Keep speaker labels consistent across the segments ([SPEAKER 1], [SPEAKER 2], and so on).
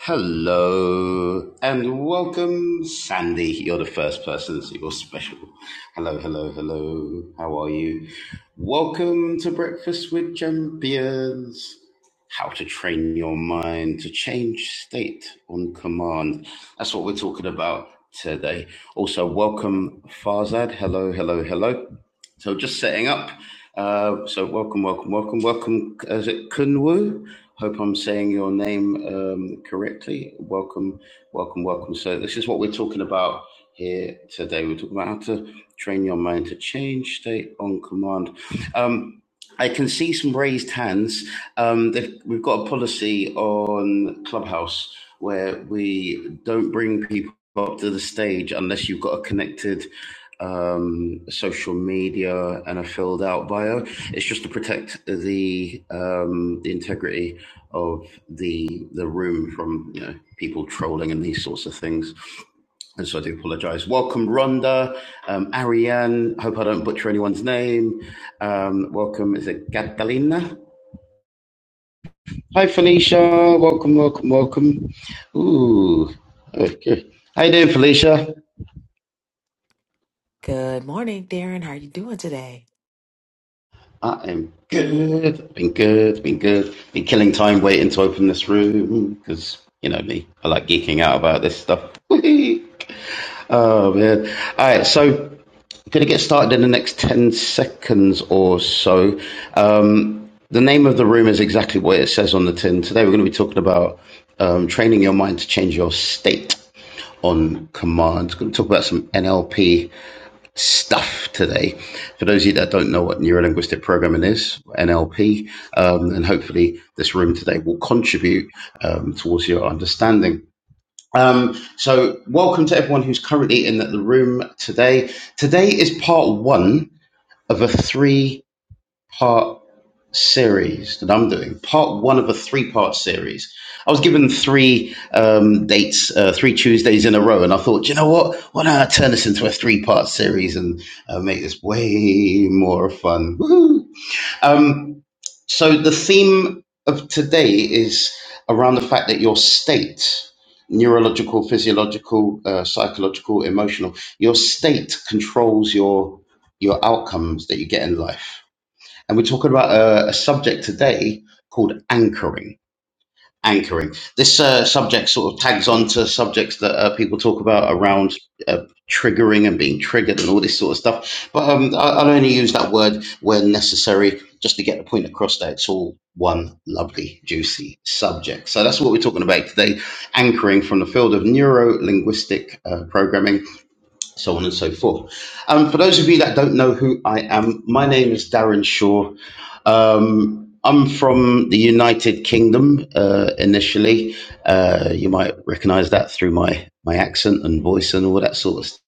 [SPEAKER 1] Hello and welcome, Sandy. You're the first person, so you're special. Hello, hello, hello. How are you? Welcome to Breakfast with Champions. How to train your mind to change state on command. That's what we're talking about today. Also, welcome, Farzad. Hello, hello, hello. So just setting up. Uh, so welcome, welcome, welcome, welcome. Is it Kunwu? Hope I'm saying your name um, correctly. Welcome, welcome, welcome. So this is what we're talking about here today. We're talking about how to train your mind to change state on command. Um, I can see some raised hands. Um, they've- we've got a policy on Clubhouse where we don't bring people up to the stage unless you've got a connected um, social media and a filled out bio. It's just to protect the um, the integrity of the the room from you know people trolling and these sorts of things. And so I do apologize. Welcome, Rhonda, um, Ariane. Hope I don't butcher anyone's name. Um, welcome, is it Catalina? Hi, Felicia. Welcome, welcome, welcome. Ooh, okay. How you doing, Felicia?
[SPEAKER 2] Good morning, Darren. How are you doing today?
[SPEAKER 1] I am good. Been good. Been good. Been killing time waiting to open this room because you know me. I like geeking out about this stuff. oh man! All right, so gonna get started in the next ten seconds or so. Um, the name of the room is exactly what it says on the tin. Today we're gonna be talking about um, training your mind to change your state on command. Gonna talk about some NLP stuff today. For those of you that don't know what neurolinguistic programming is, NLP, um, and hopefully this room today will contribute um, towards your understanding. Um, so, welcome to everyone who's currently in the room today. Today is part one of a three part series that I'm doing, part one of a three part series. I was given three um, dates, uh, three Tuesdays in a row, and I thought, you know what? Why don't I turn this into a three part series and uh, make this way more fun? Woohoo! Um, so, the theme of today is around the fact that your state, neurological, physiological, uh, psychological, emotional, your state controls your your outcomes that you get in life and we're talking about a, a subject today called anchoring. Anchoring. This uh, subject sort of tags on to subjects that uh, people talk about around uh, triggering and being triggered and all this sort of stuff. But um, I, will only use that word when necessary, just to get the point across that it's all one lovely, juicy subject. So that's what we're talking about today anchoring from the field of neuro linguistic uh, programming so on and so forth. Um, for those of you that don't know who I am, my name is Darren Shaw. Um, I'm from the United Kingdom uh, initially. Uh, you might recognize that through my, my accent and voice and all that sort of stuff.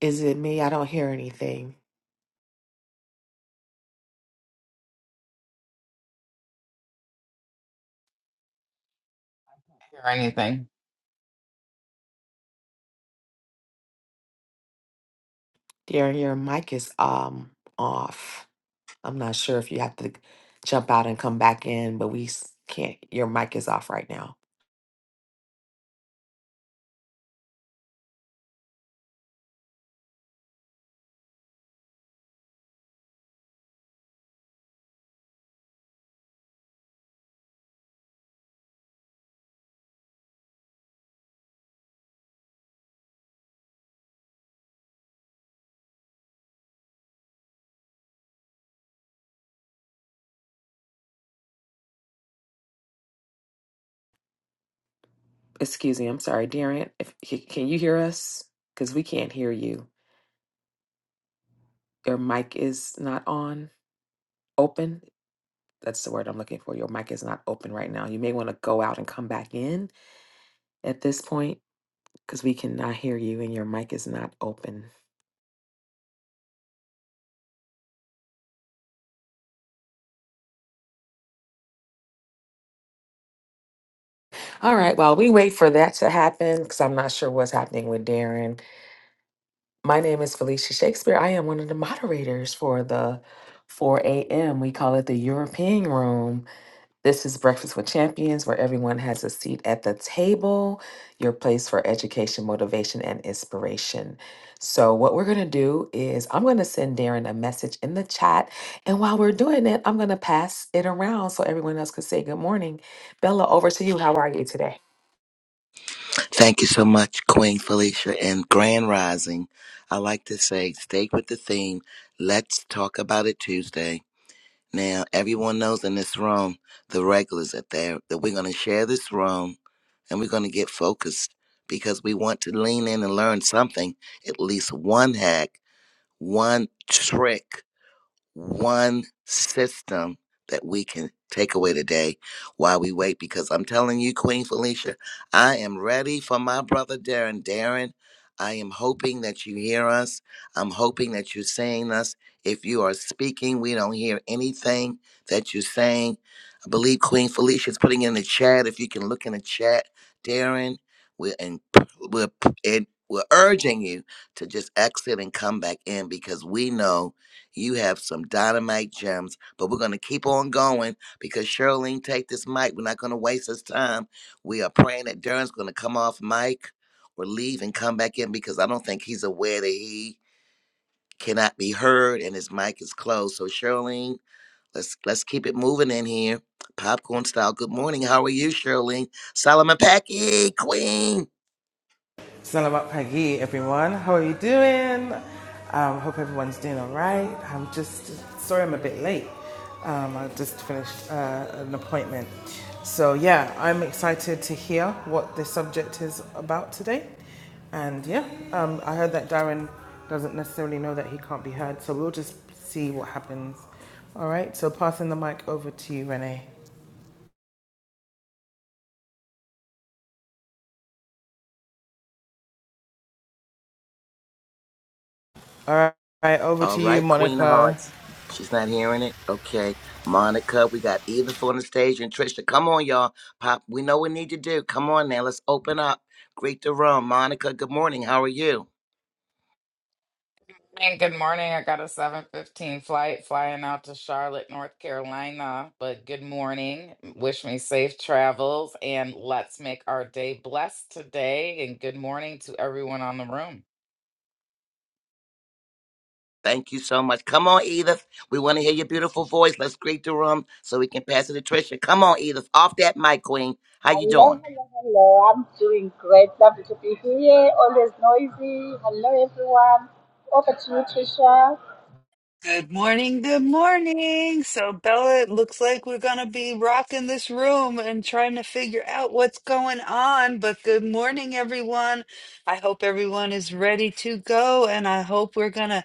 [SPEAKER 2] Is it me? I don't hear anything.
[SPEAKER 3] hear anything.
[SPEAKER 2] Darren, your mic is um off. I'm not sure if you have to jump out and come back in, but we s- can't. Your mic is off right now. Excuse me. I'm sorry, Darren. If c- can you hear us? Because we can't hear you. Your mic is not on open. That's the word I'm looking for. Your mic is not open right now. You may want to go out and come back in at this point because we cannot hear you and your mic is not open. All right, While we wait for that to happen because I'm not sure what's happening with Darren. My name is Felicia Shakespeare. I am one of the moderators for the 4 a.m. We call it the European Room. This is Breakfast with Champions, where everyone has a seat at the table, your place for education, motivation, and inspiration. So, what we're going to do is I'm going to send Darren a message in the chat. And while we're doing it, I'm going to pass it around so everyone else can say good morning. Bella, over to you. How are you today?
[SPEAKER 4] Thank you so much, Queen Felicia. And Grand Rising, I like to say, stay with the theme. Let's talk about it Tuesday. Now, everyone knows in this room, the regulars are there, that we're going to share this room and we're going to get focused because we want to lean in and learn something, at least one hack, one trick one system that we can take away today while we wait. Because I'm telling you, Queen Felicia, I am ready for my brother Darren. Darren, I am hoping that you hear us. I'm hoping that you're seeing us. If you are speaking, we don't hear anything that you're saying. I believe Queen Felicia is putting in the chat. If you can look in the chat, Darren, we're in, we're, in, we're urging you to just exit and come back in because we know you have some dynamite gems, but we're going to keep on going because Shirlene, take this mic. We're not going to waste this time. We are praying that Darren's going to come off mic or leave and come back in because I don't think he's aware that he cannot be heard and his mic is closed. So Shirlene, let's let's keep it moving in here. Popcorn style. Good morning. How are you, Shirlene? Solomon Packy, Queen.
[SPEAKER 5] Salamat Pagi, everyone. How are you doing? Um, hope everyone's doing all right. I'm just sorry I'm a bit late. Um, I just finished uh, an appointment. So, yeah, I'm excited to hear what the subject is about today. And yeah, um, I heard that Darren doesn't necessarily know that he can't be heard. So, we'll just see what happens. All right, so passing the mic over to you, Renee. All right, over
[SPEAKER 4] All
[SPEAKER 5] to you,
[SPEAKER 4] right, Queen of
[SPEAKER 5] Monica.
[SPEAKER 4] Hearts. She's not hearing it. Okay. Monica, we got Edith on the stage and Trisha. Come on, y'all. Pop, we know what we need to do. Come on now. Let's open up. Greet the room. Monica, good morning. How are you?
[SPEAKER 3] And good morning. I got a 7:15 flight flying out to Charlotte, North Carolina. But good morning. Wish me safe travels and let's make our day blessed today and good morning to everyone on the room.
[SPEAKER 4] Thank you so much. Come on, Edith. We want to hear your beautiful voice. Let's greet the room so we can pass it to Trisha. Come on, Edith. Off that mic, Queen. How you
[SPEAKER 6] Hello,
[SPEAKER 4] doing?
[SPEAKER 6] hello, hello. I'm doing great. Lovely to be here. Always noisy. Hello, everyone. Over to you, Trisha.
[SPEAKER 7] Good morning, good morning. So, Bella, it looks like we're going to be rocking this room and trying to figure out what's going on. But good morning, everyone. I hope everyone is ready to go, and I hope we're going to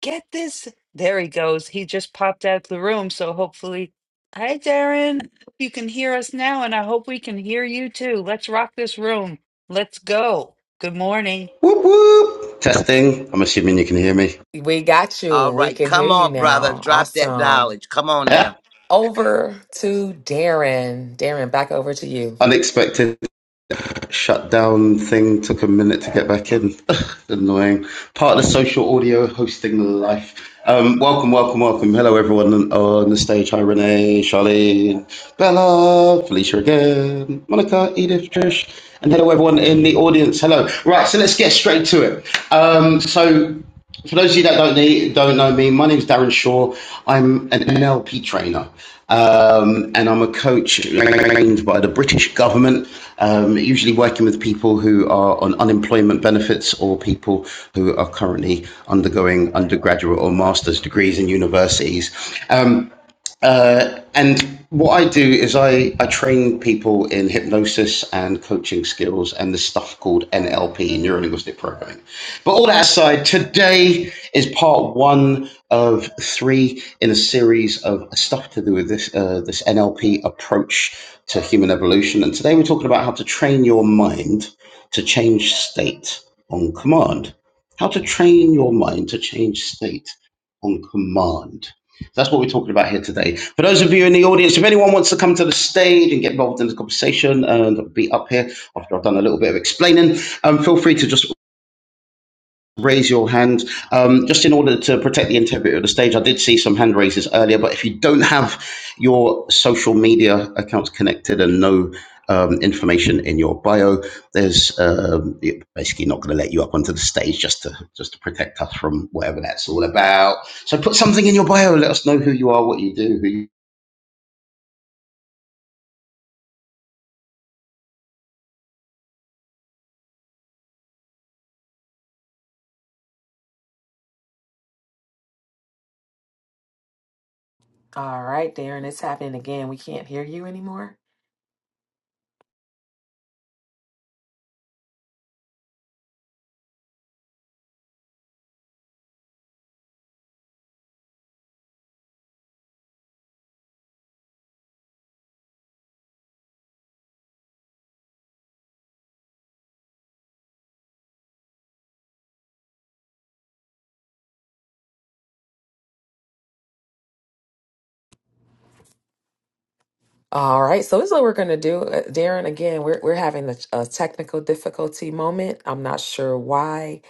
[SPEAKER 7] get this. There he goes. He just popped out the room. So, hopefully, hi, Darren. You can hear us now, and I hope we can hear you too. Let's rock this room. Let's go. Good morning.
[SPEAKER 1] Whoop whoop! Testing. I'm assuming you can hear me.
[SPEAKER 2] We got you.
[SPEAKER 4] All
[SPEAKER 2] We
[SPEAKER 4] right.
[SPEAKER 2] can hear
[SPEAKER 4] Come
[SPEAKER 2] you
[SPEAKER 4] on, brother.
[SPEAKER 2] now.
[SPEAKER 4] Drop that
[SPEAKER 2] Awesome.
[SPEAKER 4] knowledge. Come on
[SPEAKER 1] Yeah.
[SPEAKER 4] now.
[SPEAKER 2] Over to Darren. Darren, back over to you.
[SPEAKER 1] Unexpected. app shutdown thing took a minute to get back in. Annoying. Part of the social audio hosting life. Um, welcome, welcome, welcome. Hello, everyone on the stage. Hi, Renee, Charlene, Bella, Felicia again, Monica, Edith, Trish, and hello, everyone in the audience. Hello. Right, so let's get straight to it. Um, so for those of you that don't need, don't know me, my name is Darren Shaw. I'm an NLP trainer, um, and I'm a coach trained by the British government. Um, usually working with people who are on unemployment benefits or people who are currently undergoing undergraduate or master's degrees in universities. Um, uh, and what I do is I, I train people in hypnosis and coaching skills and the stuff called NLP, neuro linguistic programming. But all that aside, today is part one of three in a series of stuff to do with this uh, this NLP approach to human evolution. And today we're talking about how to train your mind to change state on command. How to train your mind to change state on command. That's what we're talking about here today. For those of you in the audience, if anyone wants to come to the stage and get involved in the conversation and be up here after I've done a little bit of explaining, um, feel free to just raise your hand. Um, just in order to protect the integrity of the stage, I did see some hand raises earlier, but if you don't have your social media accounts connected and no um, information in your bio, there's um, it- basically not going to let you up onto the stage just to just to protect us from whatever that's all about. So put something in your bio. Let us know who you are, what you do, who you're
[SPEAKER 2] All right, Darren, it's happening again. We can't hear you anymore. All right, so this is what we're going to do. Uh, Darren, again, we're, we're having a, a technical difficulty moment. I'm not sure why.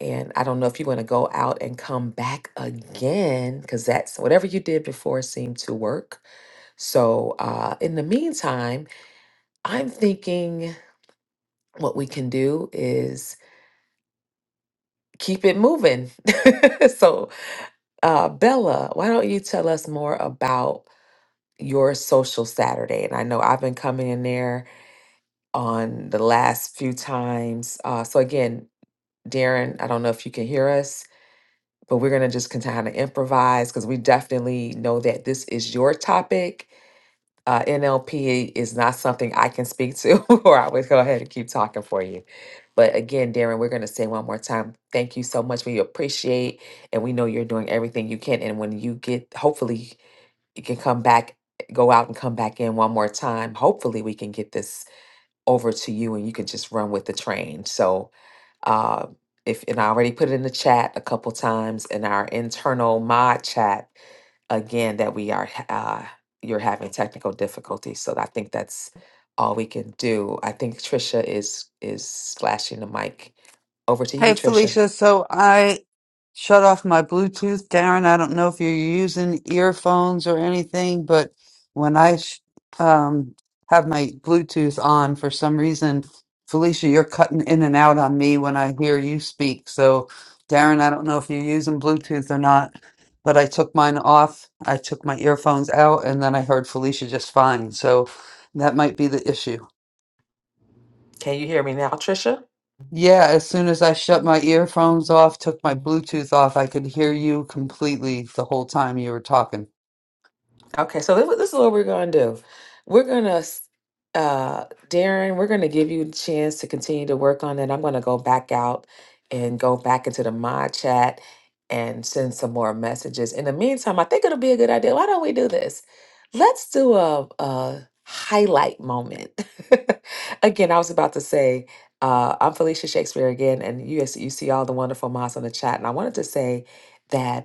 [SPEAKER 2] And I don't know if you want to go out and come back again, because that's whatever you did before seemed to work. So uh, in the meantime, I'm thinking what we can do is keep it moving. so, uh, Bella, why don't you tell us more about your social Saturday? And I know I've been coming in there on the last few times. Uh, so, again, Darren, I don't know if you can hear us, but we're going to just kind of improvise because we definitely know that this is your topic uh, NLP is not something I can speak to, or I would go ahead and keep talking for you. But again, Darren, we're going to say one more time, thank you so much. We appreciate, and we know you're doing everything you can. And when you get, hopefully, you can come back, go out and come back in one more time. Hopefully, we can get this over to you and you can just run with the train. So, uh, if and I already put it in the chat a couple times in our internal mod chat again that we are ha- uh, you're having technical difficulties. So I think that's all we can do. I think Trisha is is slashing the mic. Over to you,
[SPEAKER 7] Hey
[SPEAKER 2] Trisha.
[SPEAKER 7] Felicia, so I shut off my Bluetooth. Darren, I don't know if you're using earphones or anything, but when I sh- um, have my Bluetooth on, for some reason, Felicia, you're cutting in and out on me when I hear you speak. So, Darren, I don't know if you're using Bluetooth or not, but I took mine off. I took my earphones out, and then I heard Felicia just fine. So that might be the issue.
[SPEAKER 2] Can you hear me now, Trisha?
[SPEAKER 7] Yeah.
[SPEAKER 2] Okay, so this, this is what we're gonna do. We're gonna, uh, Darren, we're gonna give you the chance to continue to work on it. I'm gonna go back out and go back into the mod chat and send some more messages. In the meantime, I think it'll be a good idea. Why don't we do this? Let's do a, a highlight moment. again, I was about to say, uh, I'm Felicia Shakespeare again, and you, you see all the wonderful mods on the chat, and I wanted to say. that.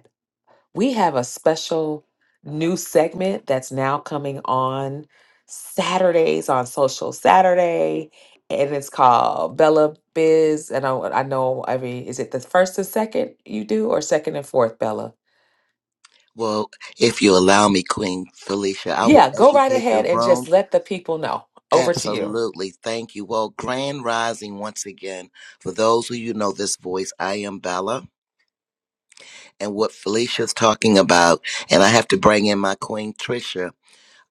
[SPEAKER 2] We have a special new segment that's now coming on Saturdays on Social Saturday, and it's called Bella Biz. And I, I know every is it the first and second you do, or second and fourth, Bella?
[SPEAKER 4] Well, if you allow me, Queen Felicia, I will
[SPEAKER 2] Yeah, go right
[SPEAKER 4] educate the
[SPEAKER 2] ahead and
[SPEAKER 4] room
[SPEAKER 2] just let the people know. Over to you.
[SPEAKER 4] Absolutely. Thank you. Well, grand rising once again. For those who you know this voice, I am Bella and what Felicia's talking about. And I have to bring in my queen, Trisha.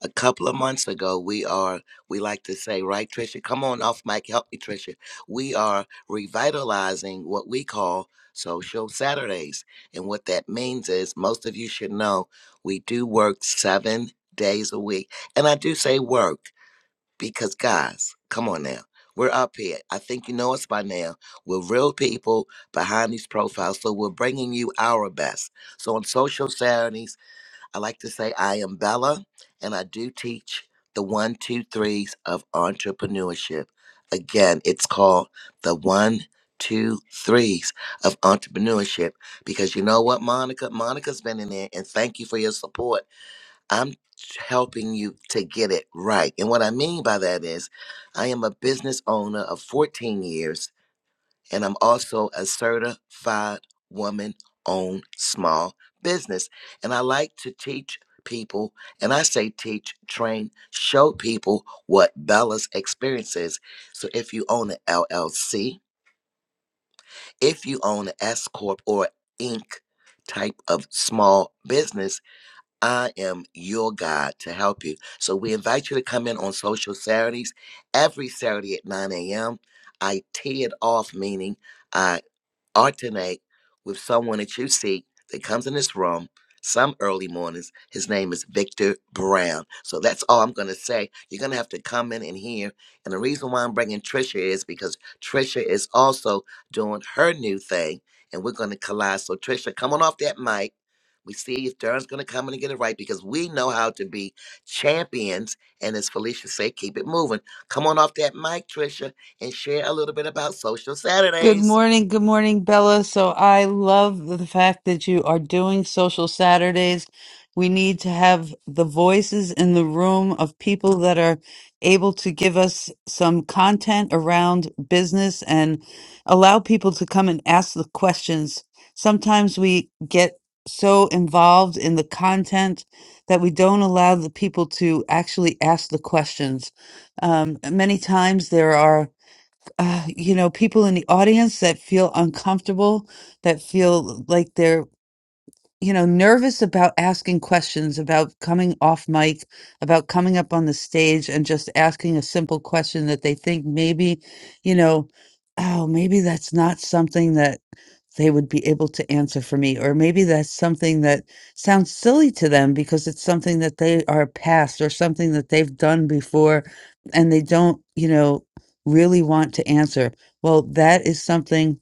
[SPEAKER 4] A couple of months ago, we are, we like to say, right, Trisha? Come on off mic. Help me, Trisha. We are revitalizing what we call social Saturdays. And what that means is most of you should know we do work seven days a week. And I do say work. Because guys, come on now. We're up here. I think you know us by now. We're real people behind these profiles, so we're bringing you our best. So on social Saturdays, I like to say I am Bella, and I do teach the one, two, threes of entrepreneurship. Again, it's called the one, two, threes of entrepreneurship because you know what, Monica? Monica's been in there, and thank you for your support. I'm helping you to get it right. And what I mean by that is, I am a business owner of 14 years, and I'm also a certified woman owned small business. And I like to teach people, and I say teach, train, show people what Bella's experience is. So if you own an LLC, if you own an S Corp or Inc. type of small business, I am your God to help you. So we invite you to come in on social Saturdays, every Saturday at 9 a.m. I tee it off, meaning I alternate with someone that you see that comes in this room some early mornings. His name is Victor Brown. So that's all I'm going to say. You're going to have to come in and hear. And the reason why I'm bringing Trisha is because Trisha is also doing her new thing, and we're going to collide. So, Trisha, come on off that mic. We see if Darren's going to come in and get it right because we know how to be champions. And as Felicia said, keep it moving. Come on off that mic, Trisha, and share a little bit about Social
[SPEAKER 7] Good
[SPEAKER 4] Saturdays.
[SPEAKER 7] morning, good morning, Bella. So I love the fact that you are doing social Saturdays. We need to have the voices in the room of people that are able to give us some content around business and allow people to come and ask the questions. Sometimes we get so involved in the content that we don't allow the people to actually ask the questions. Um, many times there are uh, you know, people in the audience that feel uncomfortable, that feel like they're you know, nervous about asking questions, about coming off mic, about coming up on the stage and just asking a simple question that they think maybe, you know, oh, maybe that's not something that they would be able to answer for me, or maybe that's something that sounds silly to them because it's something that they are past or something that they've done before and they don't, you know, really want to answer. Well, that is something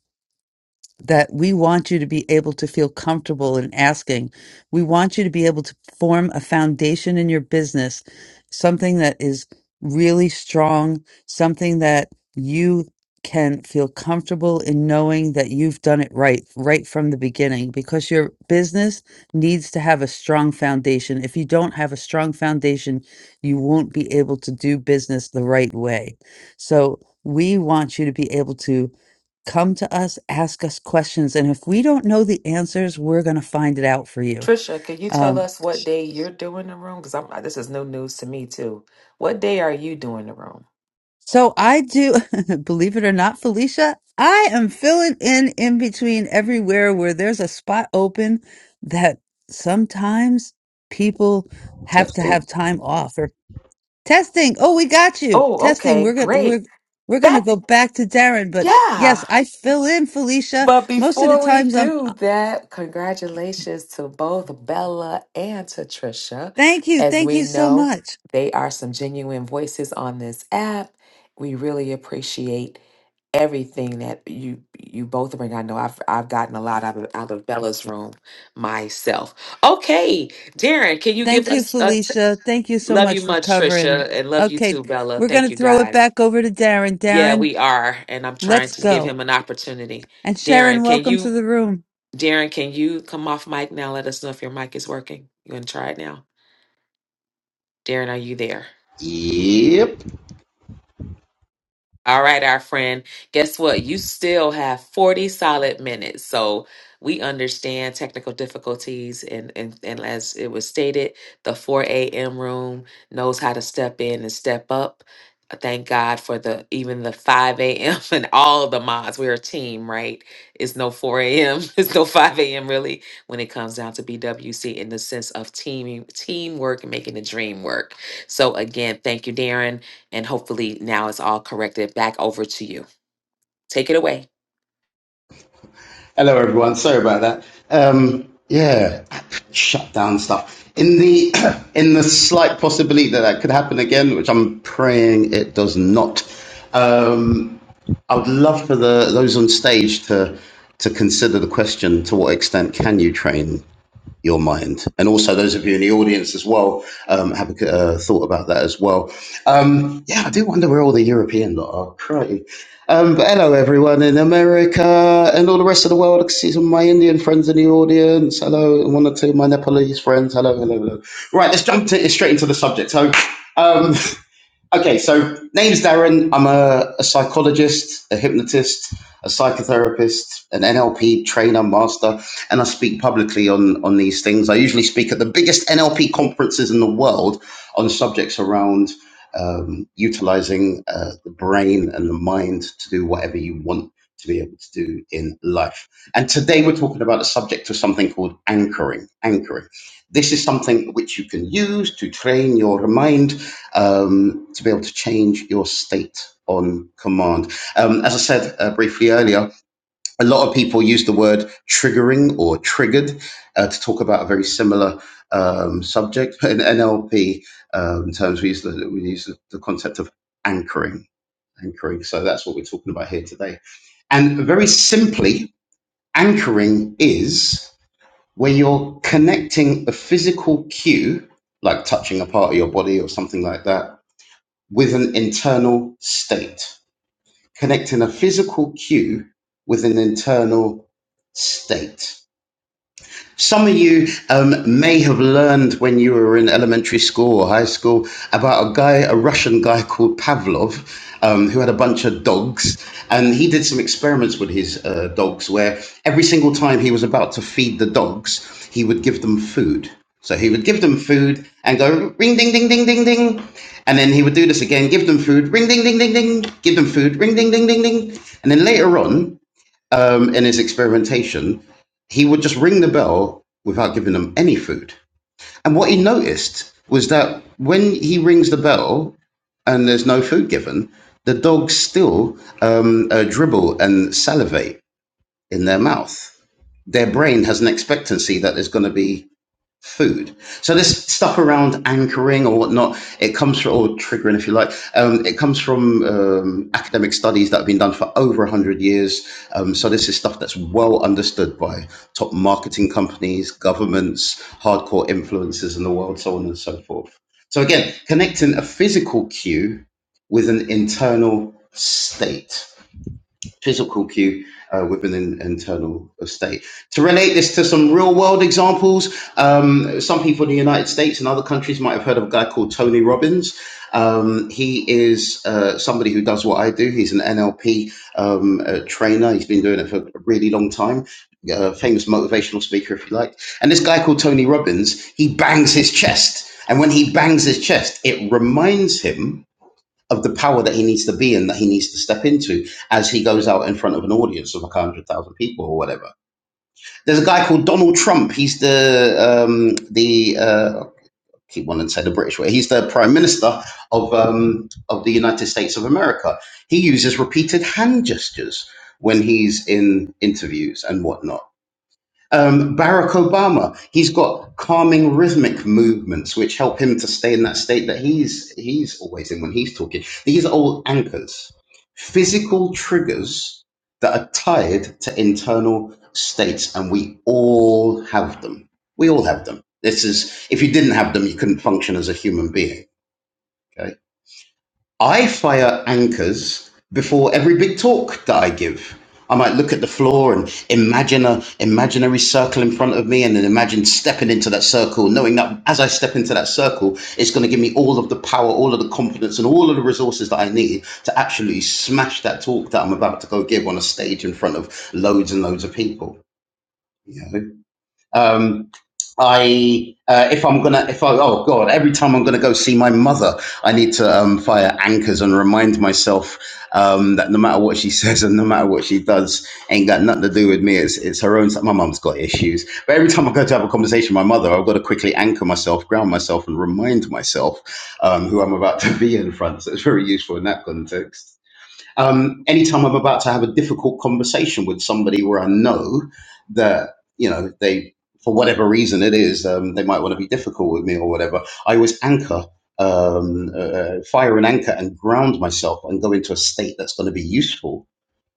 [SPEAKER 7] that we want you to be able to feel comfortable in asking. We want you to be able to form a foundation in your business, something that is really strong, something that you can feel comfortable in knowing that you've done it right, right from the beginning, because your business needs to have a strong foundation. If you don't have a strong foundation, you won't be able to do business the right way. So, we want you to be able to Come to us, ask us questions. And if we don't know the answers, we're going to find it out for you.
[SPEAKER 2] Trisha, can you tell
[SPEAKER 7] Um,
[SPEAKER 2] us what day you're doing the room? Because I'm this is new news to me too. What day are you doing the room?
[SPEAKER 7] so I do, believe it or not, Felicia, I am filling in in between everywhere where there's a spot open that sometimes people have to
[SPEAKER 1] testing.
[SPEAKER 7] have time off or testing. Oh, we got you.
[SPEAKER 2] Oh,
[SPEAKER 7] Testing.
[SPEAKER 2] okay,
[SPEAKER 7] We're going to,
[SPEAKER 2] great.
[SPEAKER 7] we're, we're going to
[SPEAKER 2] That
[SPEAKER 7] go back to Darren, but yes,
[SPEAKER 2] yeah.
[SPEAKER 7] I fill in Felicia.
[SPEAKER 2] But
[SPEAKER 7] Most of the
[SPEAKER 2] before we
[SPEAKER 7] times I'm,
[SPEAKER 2] do that, congratulations to both Bella and to Trisha.
[SPEAKER 7] thank you.
[SPEAKER 2] As
[SPEAKER 7] Thank
[SPEAKER 2] we
[SPEAKER 7] you so
[SPEAKER 2] know,
[SPEAKER 7] much.
[SPEAKER 2] they are some genuine voices on this app. We really appreciate everything that you you both bring. I know I've I've gotten a lot out of out of Bella's room myself. Okay, Darren, can you give
[SPEAKER 7] Thank you,
[SPEAKER 2] us a t-
[SPEAKER 7] Felicia. Thank you so
[SPEAKER 2] love you
[SPEAKER 7] much for
[SPEAKER 2] much,
[SPEAKER 7] covering.
[SPEAKER 2] Trisha, and love you
[SPEAKER 7] Okay,
[SPEAKER 2] too, Bella.
[SPEAKER 7] we're going
[SPEAKER 2] Thank
[SPEAKER 7] to
[SPEAKER 2] you
[SPEAKER 7] throw it
[SPEAKER 2] guys.
[SPEAKER 7] back over to Darren.
[SPEAKER 2] Yeah,
[SPEAKER 7] Darren,
[SPEAKER 2] we are, and I'm trying
[SPEAKER 7] let's
[SPEAKER 2] to give
[SPEAKER 7] go.
[SPEAKER 2] him an opportunity.
[SPEAKER 7] And Sharon,
[SPEAKER 2] Darren, can
[SPEAKER 7] welcome to
[SPEAKER 2] you
[SPEAKER 7] the room.
[SPEAKER 2] Darren, can you come off mic now? Let us know if your mic is working. You want to try it now? Darren, are you there?
[SPEAKER 1] Yep.
[SPEAKER 2] All right, our friend. Guess what? You still have 40 solid minutes. So we understand technical difficulties and, and, and as it was stated, the 4 a.m. room knows how to step in and step up. I Thank God for the even the 5 a.m. and all the mods. We're a team, right? It's no 4 a.m. It's no 5 a.m. really when it comes down to BWC in the sense of team teamwork and making the dream work. So again, thank you, Darren. And hopefully now it's all corrected back over to you. Take it away.
[SPEAKER 1] Hello, everyone. Sorry about that. Um, yeah, shut down stuff. In the in the slight possibility that that could happen again, which I'm praying it does not. Um, I would love for the those on stage to to consider the question: To what extent can you train? your mind. And also, those of you in the audience as well, um, have a uh, thought about that as well. Um, yeah, I do wonder where all the European lot are. Crikey. Um, but hello, everyone in America and all the rest of the world. I can see some of my Indian friends in the audience. Hello, and one or two of my Nepalese friends. Hello, hello, hello. Right, let's jump to, straight into the subject. So, um, Okay, so name's Darren. I'm a, a psychologist, a hypnotist, a psychotherapist, an NLP trainer, master, and I speak publicly on, on these things. I usually speak at the biggest NLP conferences in the world on subjects around um, utilizing uh, the brain and the mind to do whatever you want to be able to do in life. And today we're talking about a subject of something called anchoring. Anchoring. This is something which you can use to train your mind um, to be able to change your state on command. Um, as I said uh, briefly earlier, a lot of people use the word triggering or triggered uh, to talk about a very similar um, subject. But in NLP um, terms, we use, the, we use the, the concept of anchoring. Anchoring. So that's what we're talking about here today. And very simply, anchoring is where you're connecting a physical cue, like touching a part of your body or something like that, with an internal state, connecting a physical cue with an internal state. Some of you um, may have learned when you were in elementary school or high school about a guy, a Russian guy called Pavlov, um, who had a bunch of dogs. And he did some experiments with his uh, dogs where every single time he was about to feed the dogs, he would give them food. So he would give them food and go ring, ding, ding, ding, ding, ding. And then he would do this again, give them food, ring, ding, ding, ding, ding, give them food, ring, ding, ding, ding, ding. And then later on, um, in his experimentation, he would just ring the bell without giving them any food. And what he noticed was that when he rings the bell and there's no food given, the dogs still um, uh, dribble and salivate in their mouth. Their brain has an expectancy that there's going to be food. So this stuff around anchoring or whatnot, it comes from, or triggering if you like, um, it comes from um, academic studies that have been done for over 100 years. Um, so this is stuff that's well understood by top marketing companies, governments, hardcore influencers in the world, so on and so forth. So again, connecting a physical cue with an internal state physical cue uh, within an internal state. To relate this to some real world examples, um, some people in the United States and other countries might have heard of a guy called Tony Robbins. Um, he is uh, somebody who does what I do. He's an NLP um, uh, trainer, he's been doing it for a really long time. Uh, famous motivational speaker, if you like. And this guy called Tony Robbins, he bangs his chest. And when he bangs his chest, it reminds him of the power that he needs to be in, that he needs to step into as he goes out in front of an audience of like one hundred thousand people or whatever. There's a guy called Donald Trump. He's the um, the uh, I keep wanting to say the British way. He's the Prime Minister of um, of the United States of America. He uses repeated hand gestures when he's in interviews and whatnot um, Barack Obama, he's got calming rhythmic movements which help him to stay in that state that he's he's always in when he's talking. These are all anchors, physical triggers that are tied to internal states, and we all have them. We all have them. This is if you didn't have them, you couldn't function as a human being. Okay. I fire anchors before every big talk that I give. I might look at the floor and imagine a imaginary circle in front of me and then imagine stepping into that circle, knowing that as I step into that circle, it's going to give me all of the power, all of the confidence, and all of the resources that I need to actually smash that talk that I'm about to go give on a stage in front of loads and loads of people. You know? Um, I uh, if I'm gonna if I oh god every time I'm gonna go see my mother I need to um, fire anchors and remind myself um, that no matter what she says and no matter what she does ain't got nothing to do with me it's it's her own my mum's got issues but every time I go to have a conversation with my mother I've got to quickly anchor myself ground myself and remind myself um, who I'm about to be in front so it's very useful in that context um, anytime I'm about to have a difficult conversation with somebody where I know that, you know, they, for whatever reason it is, um, they might want to be difficult with me or whatever, I always anchor, um, uh, uh, fire an anchor and ground myself and go into a state that's going to be useful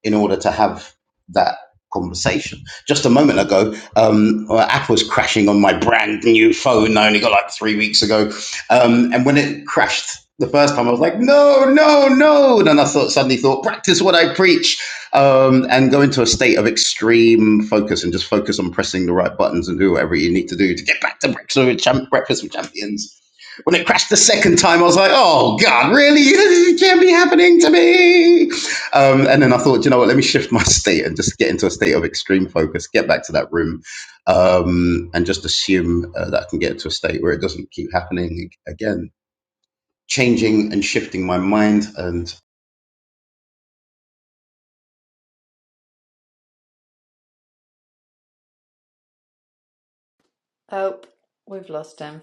[SPEAKER 1] in order to have that conversation. Just a moment ago, um, uh, Apple's crashing on my brand new phone. I only got like three weeks ago. Um, and when it crashed the first time, I was like, no, no, no. And then I thought, suddenly thought, practice what I preach um, and go into a state of extreme focus and just focus on pressing the right buttons and do whatever you need to do to get back to breakfast with, breakfast with champions. When it crashed the second time, I was like, oh, God, really? This can't be happening to me um, and then I thought, you know what, let me shift my state and just get into a state of extreme focus, get back to that room, um, and just assume uh, that I can get to a state where it doesn't keep happening again. Changing and shifting my mind and
[SPEAKER 8] Oh, we've lost him.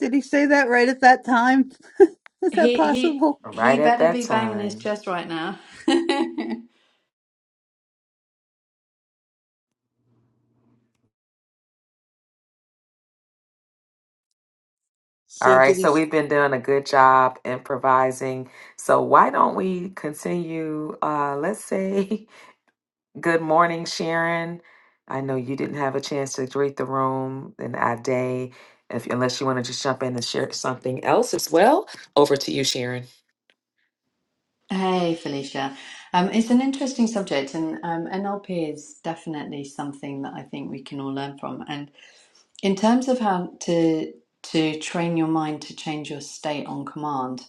[SPEAKER 7] Did he say that right at that time? Is that
[SPEAKER 8] He he
[SPEAKER 7] possible?
[SPEAKER 8] he
[SPEAKER 2] Right at
[SPEAKER 8] better
[SPEAKER 2] that
[SPEAKER 8] be banging his
[SPEAKER 2] time.
[SPEAKER 8] chest right now.
[SPEAKER 2] All
[SPEAKER 7] So
[SPEAKER 2] right,
[SPEAKER 7] did he?
[SPEAKER 2] so we've been doing a good job improvising. So why don't we continue? Uh, let's say good morning, Sharon. I know you didn't have a chance to greet the room and our day, if unless you want to just jump in and share something else as well. Over to you, Sharon.
[SPEAKER 8] Hey, Felicia. Um, it's an interesting subject, and um, NLP is definitely something that I think we can all learn from. And in terms of how to to train your mind to change your state on command,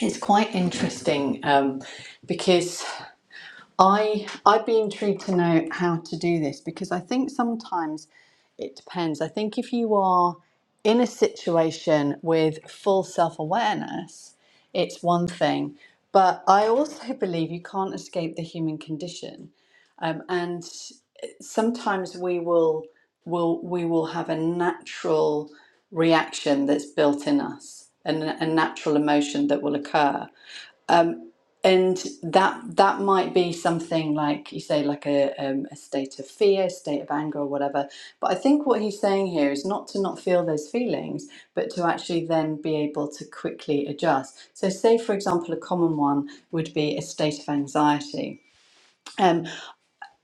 [SPEAKER 8] it's quite interesting um, because I I'd be intrigued to know how to do this because I think sometimes. It depends. I think if you are in a situation with full self awareness, it's one thing. But I also believe you can't escape the human condition. Um, and sometimes we will, will, we will have a natural reaction that's built in us and a natural emotion that will occur and that that might be something like you say like a um, a state of fear state of anger or whatever but i think what he's saying here is not to not feel those feelings but to actually then be able to quickly adjust so say for example a common one would be a state of anxiety um,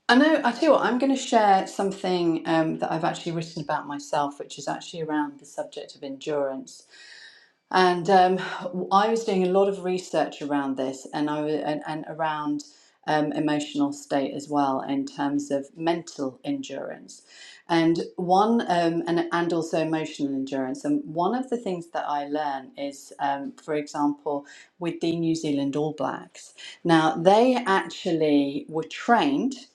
[SPEAKER 8] I know. I tell you what. I'm going to share something um, that I've actually written about myself, which is actually around the subject of endurance and um, I was doing a lot of research around this, and I wa- and, and around um, emotional state as well in terms of mental endurance, and one um, and and also emotional endurance. And one of the things that I learn is, um, for example, with the New Zealand All Blacks. Now they actually were trained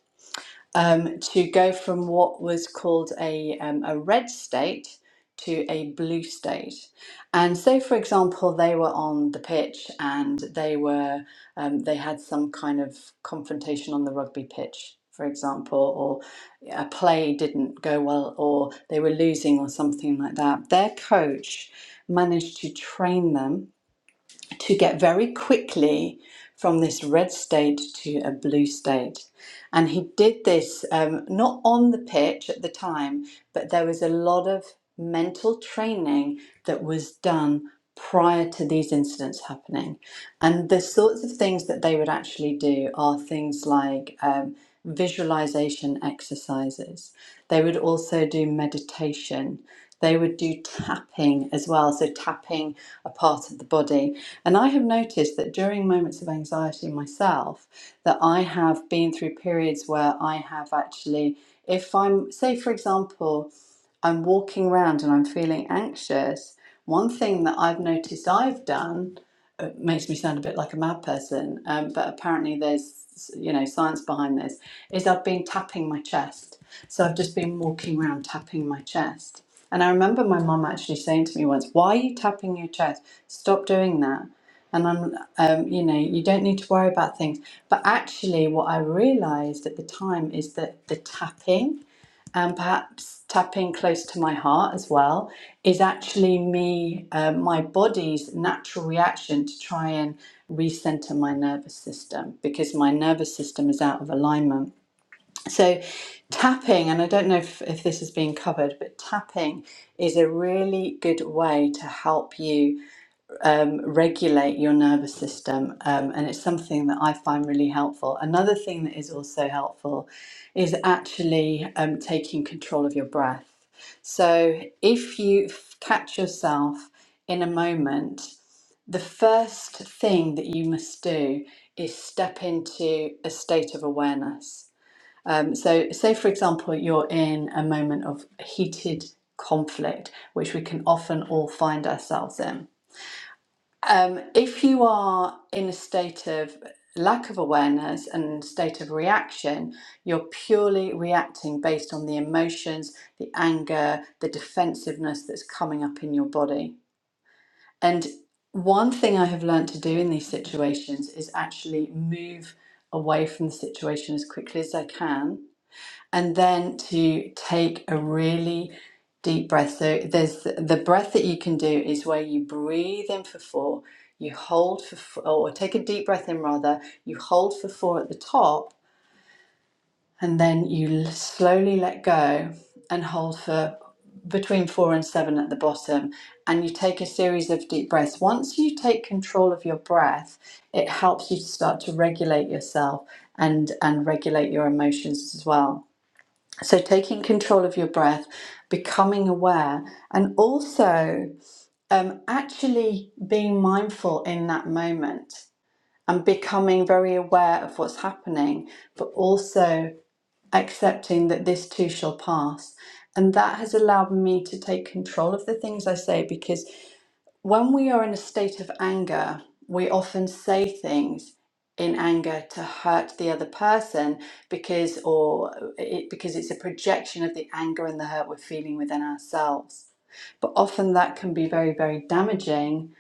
[SPEAKER 8] um, to go from what was called a, um, a red state to a blue state. And say, for example, they were on the pitch and they were um, they had some kind of confrontation on the rugby pitch, for example, or a play didn't go well, or they were losing, or something like that. Their coach managed to train them to get very quickly from this red state to a blue state. And he did this um, not on the pitch at the time, but there was a lot of mental training that was done prior to these incidents happening. And the sorts of things that they would actually do are things like um, visualization exercises, they would also do meditation they would do tapping as well, so tapping a part of the body. And I have noticed that during moments of anxiety myself, that I have been through periods where I have actually, if I'm, say, for example, I'm walking around and I'm feeling anxious, one thing that I've noticed I've done it makes me sound a bit like a mad person, um, but apparently there's you know science behind this. Is I've been tapping my chest. So I've just been walking around tapping my chest. And I remember my mum actually saying to me once, Why are you tapping your chest? Stop doing that. And I'm, um, you know, you don't need to worry about things. But actually, what I realized at the time is that the tapping, and perhaps tapping close to my heart as well, is actually me, uh, my body's natural reaction to try and recenter my nervous system because my nervous system is out of alignment. So, tapping, and I don't know if, if this is being covered, but tapping is a really good way to help you um, regulate your nervous system. Um, and it's something that I find really helpful. Another thing that is also helpful is actually um, taking control of your breath. So, if you f- catch yourself in a moment, the first thing that you must do is step into a state of awareness. Um, so, say for example, you're in a moment of heated conflict, which we can often all find ourselves in. Um, if you are in a state of lack of awareness and state of reaction, you're purely reacting based on the emotions, the anger, the defensiveness that's coming up in your body. And one thing I have learned to do in these situations is actually move away from the situation as quickly as I can and then to take a really deep breath. So there's the breath that you can do is where you breathe in for four, you hold for four, or take a deep breath in rather, you hold for four at the top, and then you l- slowly let go and hold for between four and seven at the bottom. And you take a series of deep breaths. Once you take control of your breath, it helps you to start to regulate yourself and and regulate your emotions as well. So, taking control of your breath, becoming aware, and also um, actually being mindful in that moment and becoming very aware of what's happening, but also accepting that this too shall pass. And that has allowed me to take control of the things I say because when we are in a state of anger, we often say things in anger to hurt the other person because or it, because it's a projection of the anger and the hurt we're feeling within ourselves. But often that can be very very damaging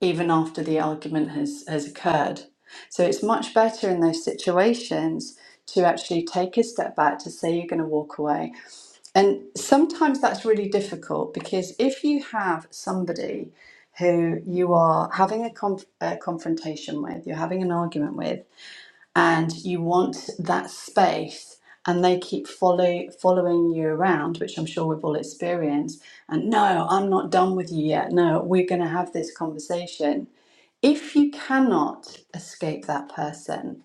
[SPEAKER 8] even after the argument has has occurred. So it's much better in those situations to actually take a step back to say you're going to walk away and sometimes that's really difficult because if you have somebody who you are having a, conf- a confrontation with, you're having an argument with, and you want that space, and they keep follow- following you around, which I'm sure we've all experienced, and no, I'm not done with you yet. No, we're going to have this conversation. If you cannot escape that person,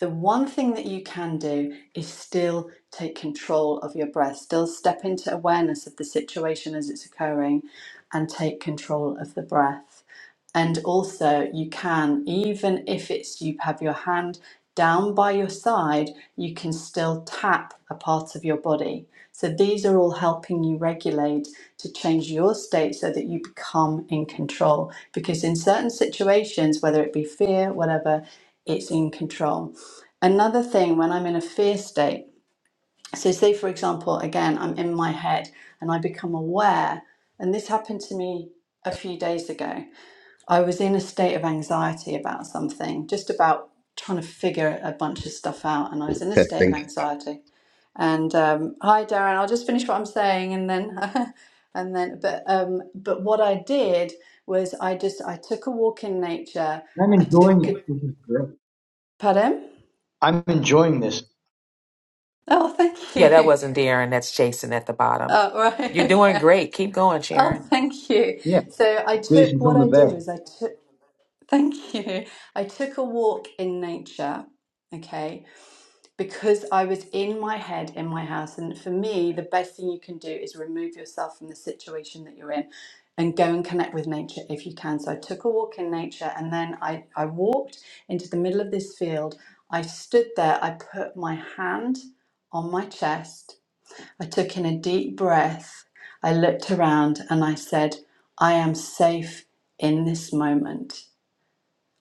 [SPEAKER 8] the one thing that you can do is still take control of your breath, still step into awareness of the situation as it's occurring and take control of the breath. And also, you can, even if it's you have your hand down by your side, you can still tap a part of your body. So, these are all helping you regulate to change your state so that you become in control. Because in certain situations, whether it be fear, whatever, it's in control. Another thing when I'm in a fear state, so say for example, again, I'm in my head and I become aware, and this happened to me a few days ago. I was in a state of anxiety about something, just about trying to figure a bunch of stuff out, and I was in a state of
[SPEAKER 1] testing.
[SPEAKER 8] anxiety. And um, hi, Darren, I'll just finish what I'm saying, and then, and then, but um, but what I did was I just I took a walk in nature.
[SPEAKER 9] I'm
[SPEAKER 8] I
[SPEAKER 9] enjoying
[SPEAKER 8] took a,
[SPEAKER 9] it. This is great.
[SPEAKER 8] pardon.
[SPEAKER 9] I'm enjoying this.
[SPEAKER 8] Oh, thank
[SPEAKER 2] Yeah, that
[SPEAKER 8] you.
[SPEAKER 2] wasn't Darren. That's Jason at the bottom.
[SPEAKER 8] Oh, right.
[SPEAKER 2] You're
[SPEAKER 8] Okay.
[SPEAKER 2] doing great. Keep going,
[SPEAKER 8] Oh,
[SPEAKER 2] Sharon.
[SPEAKER 8] thank you.
[SPEAKER 9] Yeah,
[SPEAKER 8] So I took
[SPEAKER 9] Jason
[SPEAKER 8] what
[SPEAKER 9] from the
[SPEAKER 8] I did
[SPEAKER 9] Bay.
[SPEAKER 8] was I took thank you. I took a walk in nature, okay, because I was in my head in my house. And for me, the best thing you can do is remove yourself from the situation that you're in and go and connect with nature if you can. So I took a walk in nature and then I, I walked into the middle of this field. I stood there, I put my hand on my chest I took in a deep breath. I looked around and I said, I am safe in this moment.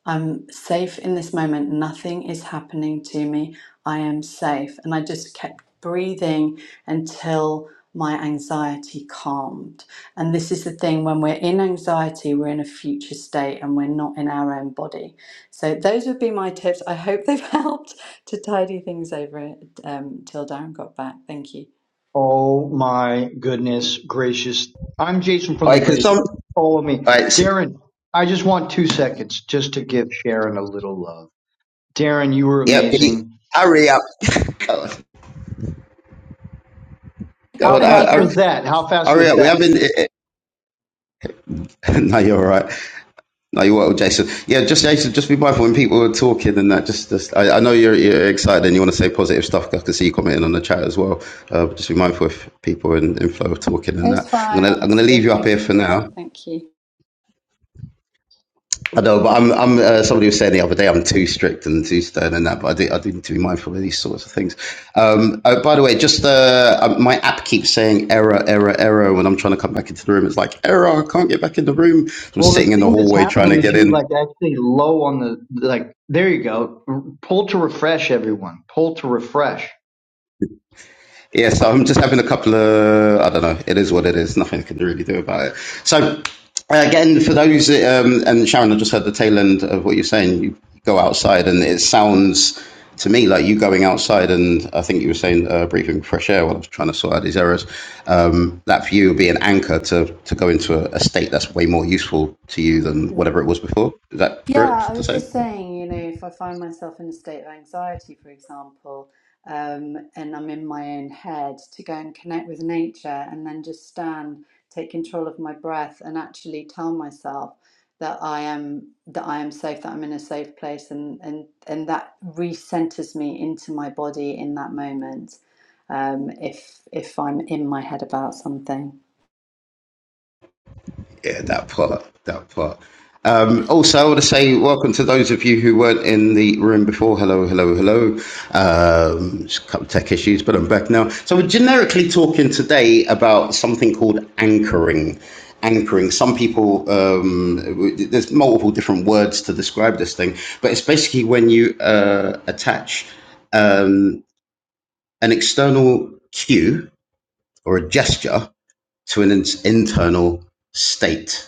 [SPEAKER 8] I'm safe in this moment. Nothing is happening to me. I am safe. And I just kept breathing until my anxiety calmed. And this is the thing when we're in anxiety, we're in a future state and we're not in our own body. So, those would be my tips. I hope they've helped to tidy things over um, till Darren got back. Thank you.
[SPEAKER 9] Oh my goodness gracious. I'm Jason from the
[SPEAKER 1] I can
[SPEAKER 9] Bay.
[SPEAKER 1] some. All
[SPEAKER 9] Follow me.
[SPEAKER 1] right,
[SPEAKER 9] Darren, I just want two seconds just to give Sharon a little love. Darren, you were
[SPEAKER 1] yeah, can
[SPEAKER 9] amazing.
[SPEAKER 1] hurry up. Go on, go on,
[SPEAKER 9] How
[SPEAKER 8] Thank
[SPEAKER 1] hur-
[SPEAKER 8] you
[SPEAKER 9] fast
[SPEAKER 8] very
[SPEAKER 9] was
[SPEAKER 1] hur-
[SPEAKER 9] that? How
[SPEAKER 8] much.
[SPEAKER 9] fast
[SPEAKER 1] hurry
[SPEAKER 9] was
[SPEAKER 1] up. We're
[SPEAKER 9] that?
[SPEAKER 1] having. No, you're all right. No, you will, Jason. Yeah, just Jason, just be mindful when people are talking and that. Just, just I, I know you're, you're excited and you want to say positive stuff. I can see you commenting on the chat as well. Uh, but just be mindful if people are in, in flow of talking and
[SPEAKER 8] It's
[SPEAKER 1] that. I'm
[SPEAKER 8] fine,
[SPEAKER 1] gonna, I'm gonna leave
[SPEAKER 8] honestly.
[SPEAKER 1] you up
[SPEAKER 8] Thank
[SPEAKER 1] here for
[SPEAKER 8] you.
[SPEAKER 1] now.
[SPEAKER 8] Thank
[SPEAKER 1] I know, but I'm, I'm. Uh, somebody was saying the other day I'm too strict and too stern and that. But I do, I do need to be mindful of these sorts of things. Um, oh, by the way, just uh, um, my app keeps saying error, error, error when I'm trying to come back into the room. It's like error, I can't get back in the room. I'm
[SPEAKER 9] Well,
[SPEAKER 1] sitting
[SPEAKER 9] the
[SPEAKER 1] in the
[SPEAKER 9] thing that's
[SPEAKER 1] hallway trying
[SPEAKER 9] happening
[SPEAKER 1] to
[SPEAKER 9] is
[SPEAKER 1] get
[SPEAKER 9] you're
[SPEAKER 1] in.
[SPEAKER 9] like actually low on the, like, there you go. R- Pull to refresh, everyone. Pull to refresh.
[SPEAKER 1] Yeah, so I'm just having a couple of, I don't know, it is what it is. Nothing I can really do about it. So, uh, again, for those, um, and Sharon, I just heard the tail end of what you're saying. You go outside, and it sounds to me like you going outside, and I think you were saying uh, breathing fresh air while I was trying to sort out these errors. Um, that for you would be an anchor to, to go into a, a state that's way more useful to you than
[SPEAKER 8] you.
[SPEAKER 1] whatever it was before. Is that
[SPEAKER 8] Yeah,
[SPEAKER 1] correct
[SPEAKER 8] I
[SPEAKER 1] to
[SPEAKER 8] was
[SPEAKER 1] say?
[SPEAKER 8] just saying, you know, if I find myself in a state of anxiety, for example, um, and I'm in my own head, to go and connect with nature and then just stand, take control of my breath, and actually tell myself that I am that I am safe, that I'm in a safe place, and and and that recenters me into my body in that moment, um, if if I'm in my head about something.
[SPEAKER 1] Yeah, that part, that part. Um, also, I want to say welcome to those of you who weren't in the room before. Hello, hello, hello. Um, just a couple of tech issues, but I'm back now. So, we're generically talking today about something called anchoring. Anchoring. Some people, um, w- there's multiple different words to describe this thing, but it's basically when you uh, attach um, an external cue or a gesture to an in- internal state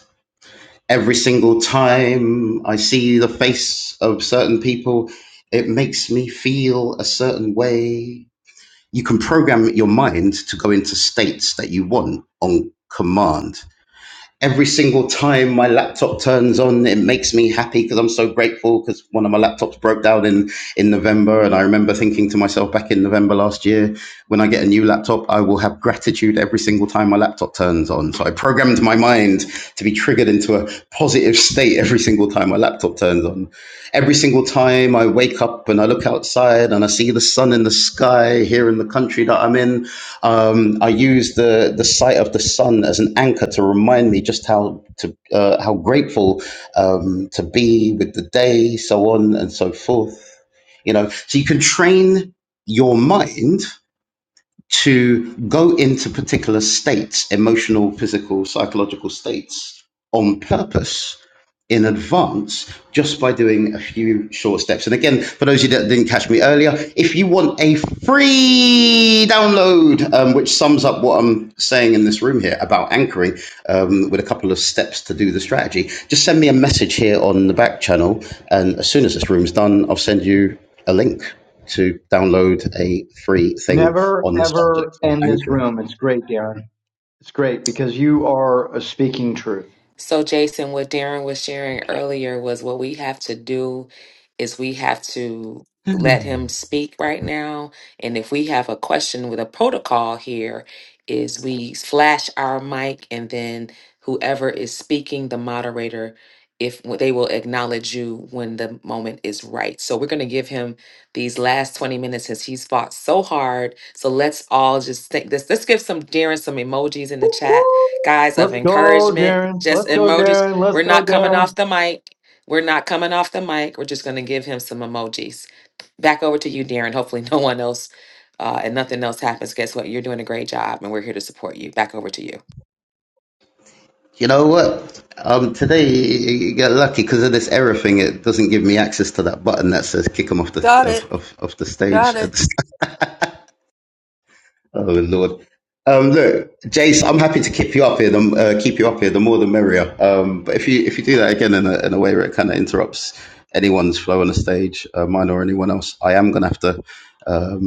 [SPEAKER 1] every single time I see the face of certain people, it makes me feel a certain way. You can program your mind to go into states that you want on command every single time my laptop turns on, it makes me happy because I'm so grateful because one of my laptops broke down in, in November. And I remember thinking to myself back in November last year, when I get a new laptop, I will have gratitude every single time my laptop turns on. So I programmed my mind to be triggered into a positive state every single time my laptop turns on. Every single time I wake up and I look outside and I see the sun in the sky here in the country that I'm in, um, I use the the sight of the sun as an anchor to remind me just how to uh, how grateful um, to be with the day, so on and so forth. You know, so you can train your mind to go into particular states, emotional, physical, psychological states on purpose in advance just by doing a few short steps. And again, for those of you that didn't catch me earlier, if you want a free download, um, which sums up what I'm saying in this room here about anchoring um, with a couple of steps to do the strategy, just send me a message here on the back channel. And as soon as this room's done, I'll send you a link to download a free thing
[SPEAKER 9] Never
[SPEAKER 1] on the subject
[SPEAKER 9] ever
[SPEAKER 1] of
[SPEAKER 9] end this
[SPEAKER 1] anchoring.
[SPEAKER 9] room. It's great, Darren. It's great because you are uh, speaking truth.
[SPEAKER 2] So, Jason, what Darren was sharing earlier was what we have to do is we have to let him speak right now. And if we have a question with a protocol here, is we flash our mic and then whoever is speaking, the moderator, if they will acknowledge you when the moment is right. So we're going to give him these last 20 minutes since he's fought so hard. So let's all just think this. Let's give some Darren some emojis in the chat guys, of
[SPEAKER 9] Let's go,
[SPEAKER 2] encouragement,
[SPEAKER 9] Darren.
[SPEAKER 2] just
[SPEAKER 9] Let's go,
[SPEAKER 2] emojis.
[SPEAKER 9] Darren. Let's
[SPEAKER 2] We're
[SPEAKER 9] go,
[SPEAKER 2] not coming
[SPEAKER 9] Darren.
[SPEAKER 2] off the mic. We're not coming off the mic. We're just going to give him some emojis. Back over to you, Darren. Hopefully, no one else uh, and nothing else happens. Guess what? You're doing a great job, and we're here to support you. Back over to you.
[SPEAKER 1] You know what? Um, today you you get lucky because of this error thing. It doesn't give me access to that button that says "kick him off the
[SPEAKER 7] Got it.
[SPEAKER 1] off, off, off the
[SPEAKER 7] Got
[SPEAKER 1] stage."
[SPEAKER 7] it.
[SPEAKER 1] oh Lord! Um, look, Jace, I'm happy to keep you up here. The, m- uh, keep you up here. The more the merrier. Um, but if you if you do that again in a, in a way where it kind of interrupts anyone's flow on the stage, uh, mine or anyone else, I am gonna have to. Um,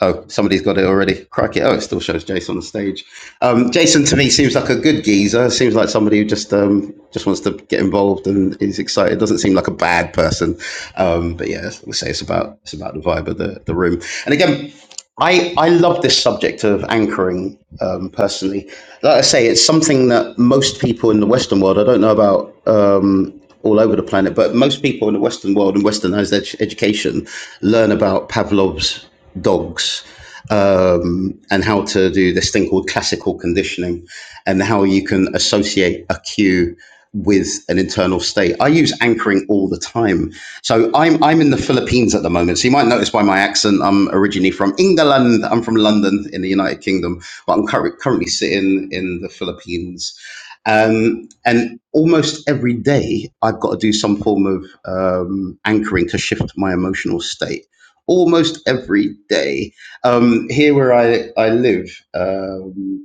[SPEAKER 1] Oh, somebody's got it already. Crikey. Oh, it still shows Jason on the stage. Um, Jason to me seems like a good geezer. Seems like somebody who just um, just wants to get involved and is excited. Doesn't seem like a bad person. Um, but yeah, we'll say it's about it's about the vibe of the, the room. And again, I, I love this subject of anchoring um, personally. Like I say, it's something that most people in the Western world, I don't know about um, all over the planet, but most people in the Western world and Westernized ed- education learn about Pavlov's dogs um, and how to do this thing called classical conditioning and how you can associate a cue with an internal state. I use anchoring all the time so I'm I'm in the Philippines at the moment. So you might notice by my accent, I'm originally from England. I'm from London in the United Kingdom, but I'm curr- currently sitting in the Philippines. Um, and almost every day, I've got to do some form of um, anchoring to shift my emotional state. Almost every day. Um, here where I I live. Um,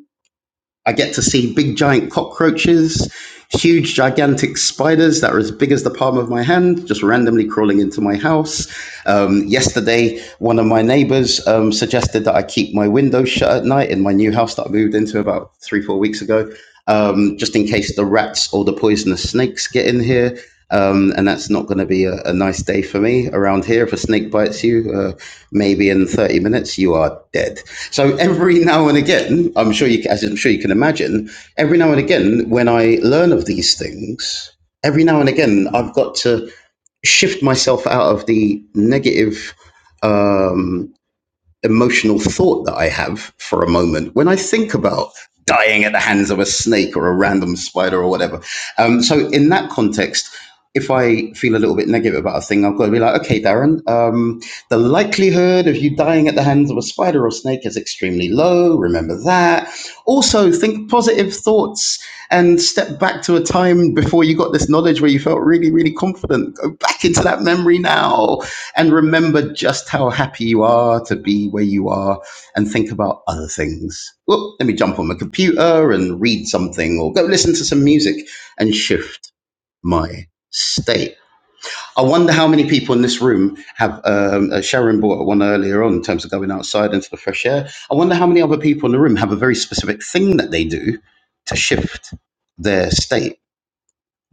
[SPEAKER 1] I get to see big giant cockroaches, huge gigantic spiders that are as big as the palm of my hand, just randomly crawling into my house. Um, yesterday, one of my neighbors um, suggested that I keep my windows shut at night in my new house that I moved into about three, four weeks ago, um, just in case the rats or the poisonous snakes get in here. Um, and that's not going to be a, a nice day for me around here. If a snake bites you, uh, maybe in 30 minutes, you are dead. So every now and again, I'm sure you, as I'm sure you can imagine, every now and again, when I learn of these things, every now and again, I've got to shift myself out of the negative. Um, emotional thought that I have for a moment when I think about dying at the hands of a snake or a random spider or whatever. Um, so in that context, if I feel a little bit negative about a thing, I've got to be like, okay, Darren, um, the likelihood of you dying at the hands of a spider or snake is extremely low. Remember that. Also, think positive thoughts and step back to a time before you got this knowledge where you felt really, really confident. Go back into that memory now and remember just how happy you are to be where you are and think about other things. Well, let me jump on my computer and read something or go listen to some music and shift my state. I wonder how many people in this room have, um, uh, Sharon brought one earlier on in terms of going outside into the fresh air. I wonder how many other people in the room have a very specific thing that they do to shift their state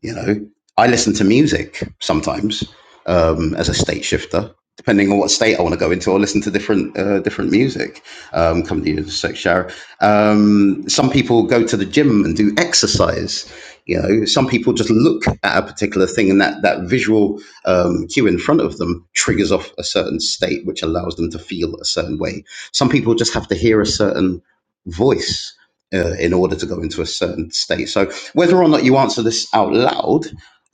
[SPEAKER 1] you know i listen to music sometimes um, as a state shifter depending on what state i want to go into i'll listen to different uh, different music um, come to you in a sec shower um, some people go to the gym and do exercise you know some people just look at a particular thing and that that visual um, cue in front of them triggers off a certain state which allows them to feel a certain way some people just have to hear a certain voice uh, in order to go into a certain state so whether or not you answer this out loud,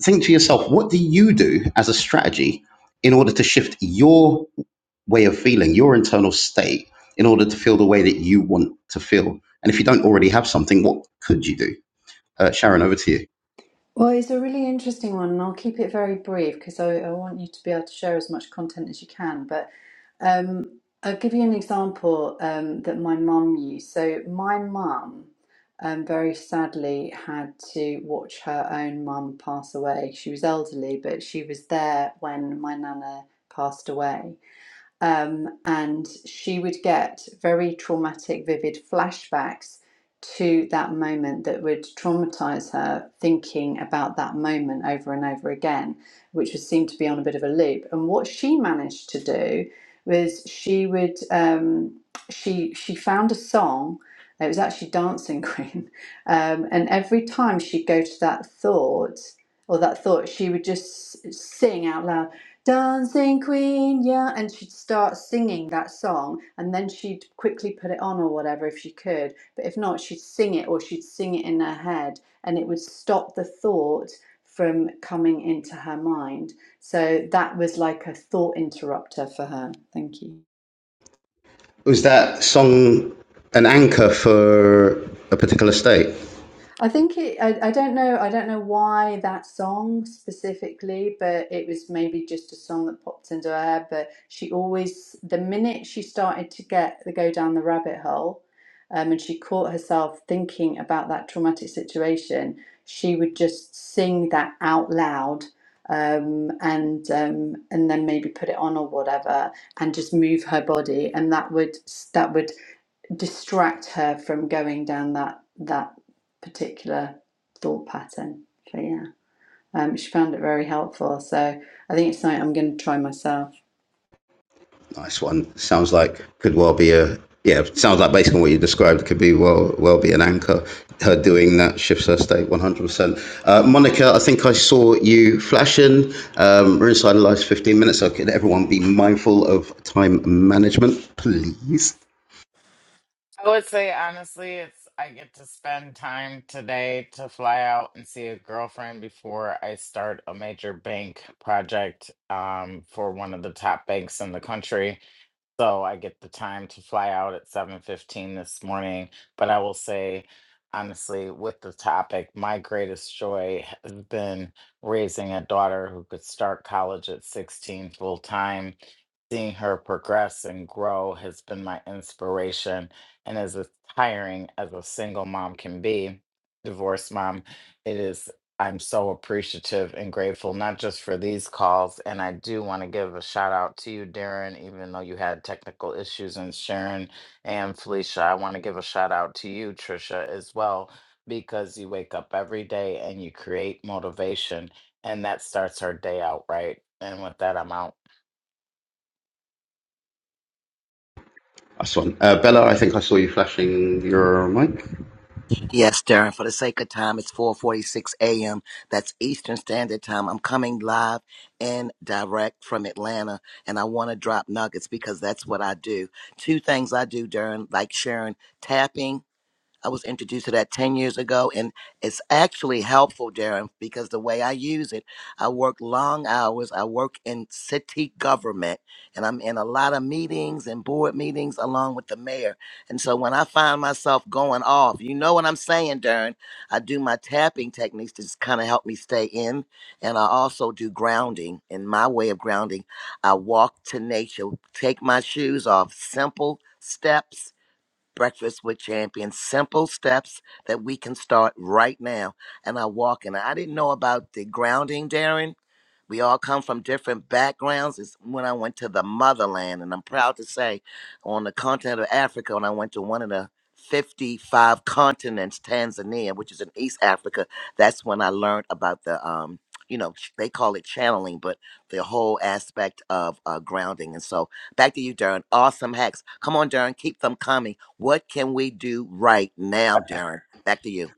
[SPEAKER 1] think to yourself, what do you do as a strategy in order to shift your way of feeling, your internal state, in order to feel the way that you want to feel? And if you don't already have something, what could you do? Uh, Sharon, over to you.
[SPEAKER 8] Well, it's a really interesting one, and I'll keep it very brief because I, I want you to be able to share as much content as you can. But um, I'll give you an example um, that my mum used. So, my mum um, very sadly had to watch her own mum pass away. She was elderly, but she was there when my nana passed away um, and she would get very traumatic, vivid flashbacks to that moment that would traumatize her thinking about that moment over and over again, which would seem to be on a bit of a loop. And what she managed to do was she would um, she she found a song. It was actually Dancing Queen, um, and every time she'd go to that thought or that thought, she would just sing out loud Dancing Queen, yeah. And she'd start singing that song and then she'd quickly put it on or whatever if she could. But if not, she'd sing it or she'd sing it in her head and it would stop the thought from coming into her mind. So that was like a thought interrupter for her. Thank you.
[SPEAKER 1] Was that song an anchor for a particular state?
[SPEAKER 8] I think it, I, I don't know, I don't know why that song specifically, but it was maybe just a song that popped into her head. But she always, the minute she started to get the go down the rabbit hole, um, and she caught herself thinking about that traumatic situation, she would just sing that out loud, um, and um, and then maybe put it on or whatever, and just move her body, and that would that would distract her from going down that that particular thought pattern. So yeah, um, she found it very helpful. So I think it's something I'm going to try myself.
[SPEAKER 1] Nice one. Sounds like could well be a yeah. Sounds like based on what you described, could be well well be an anchor. Her doing that shifts her state one hundred percent. Uh, Monica, I think I saw you flashing. Um, we're inside the last fifteen minutes, so could everyone be mindful of time management, please?
[SPEAKER 3] I would say honestly, it's I get to spend time today to fly out and see a girlfriend before I start a major bank project um, for one of the top banks in the country. So I get the time to fly out at 7:15 this morning, but I will say honestly with the topic, my greatest joy has been raising a daughter who could start college at 16 full time. Seeing her progress and grow has been my inspiration and as tiring as a single mom can be, divorced mom, it is I'm so appreciative and grateful, not just for these calls. And I do want to give a shout out to you, Darren, even though you had technical issues, and Sharon and Felicia. I want to give a shout out to you, Trisha, as well, because you wake up every day and you create motivation, and that starts our day out right. And with that, I'm out.
[SPEAKER 1] Nice one. Uh, Bella, I think I saw you flashing your mic.
[SPEAKER 4] Yes, Darren, for the sake of time, it's 4:46 a.m. That's Eastern Standard Time. I'm coming live and direct from Atlanta, and I want to drop nuggets because that's what I do. Two things I do, Darren, like sharing tapping I was introduced to that 10 years ago, and it's actually helpful, Darren, because the way I use it, I work long hours. I work in city government, and I'm in a lot of meetings and board meetings along with the mayor. And so when I find myself going off, you know what I'm saying, Darren, I do my tapping techniques to just kind of help me stay in. And I also do grounding. In my way of grounding, I walk to nature, take my shoes off, simple steps Breakfast with Champions. Simple steps that we can start right now. And I walk in. I didn't know about the grounding, Darren. We all come from different backgrounds. It's when I went to the motherland, and I'm proud to say, on the continent of Africa, when I went to one of the 55 continents, Tanzania, which is in East Africa, that's when I learned about the, um, you know, ch- they call it channeling, but the whole aspect of uh, grounding. And so, back to you, Darren. Awesome hacks. Come on, Darren, keep them coming. What can we do right now, Darren? Back to you.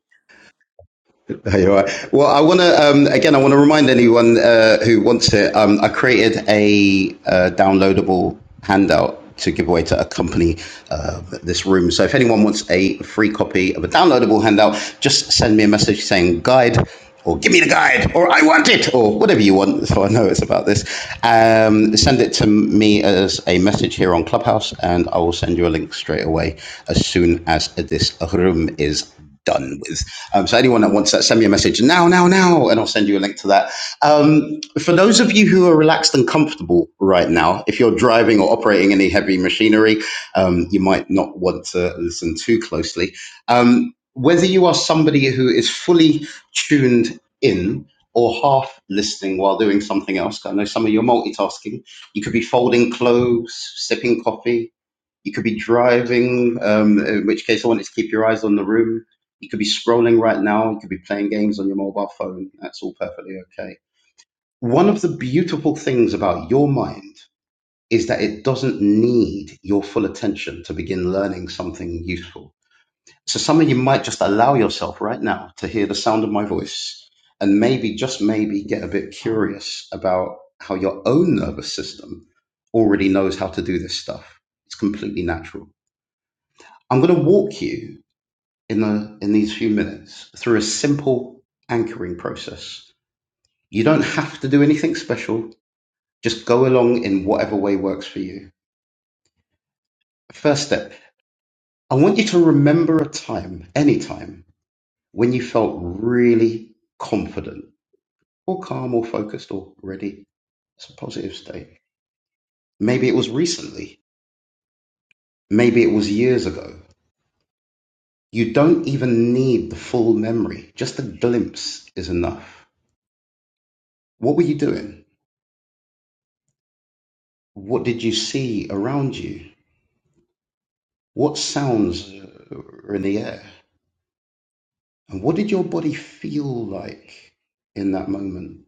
[SPEAKER 1] There you are. Well, I want to um, again. I want to remind anyone uh, who wants it. Um, I created a uh, downloadable handout to give away to accompany uh, this room. So if anyone wants a free copy of a downloadable handout, just send me a message saying "guide" or "give me the guide" or "I want it" or whatever you want. So I know it's about this. Um, send it to me as a message here on Clubhouse, and I will send you a link straight away as soon as this room is done with. Um, so anyone that wants that, send me a message now, now, now, and I'll send you a link to that. Um, for those of you who are relaxed and comfortable right now, if you're driving or operating any heavy machinery, um, you might not want to listen too closely. Um, whether you are somebody who is fully tuned in or half listening while doing something else, I know some of you are multitasking. You could be folding clothes, sipping coffee, you could be driving, um, in which case I want you to keep your eyes on the room. You could be scrolling right now. You could be playing games on your mobile phone. That's all perfectly okay. One of the beautiful things about your mind is that it doesn't need your full attention to begin learning something useful. So some of you might just allow yourself right now to hear the sound of my voice and maybe, just maybe, get a bit curious about how your own nervous system already knows how to do this stuff. It's completely natural. I'm going to walk you in the in these few minutes through a simple anchoring process. You don't have to do anything special. Just go along in whatever way works for you. First step, I want you to remember a time, any time, when you felt really confident or calm or focused or ready. It's a positive state. Maybe it was recently. Maybe it was years ago. You don't even need the full memory. Just a glimpse is enough. What were you doing? What did you see around you? What sounds uh, were in the air? And what did your body feel like in that moment?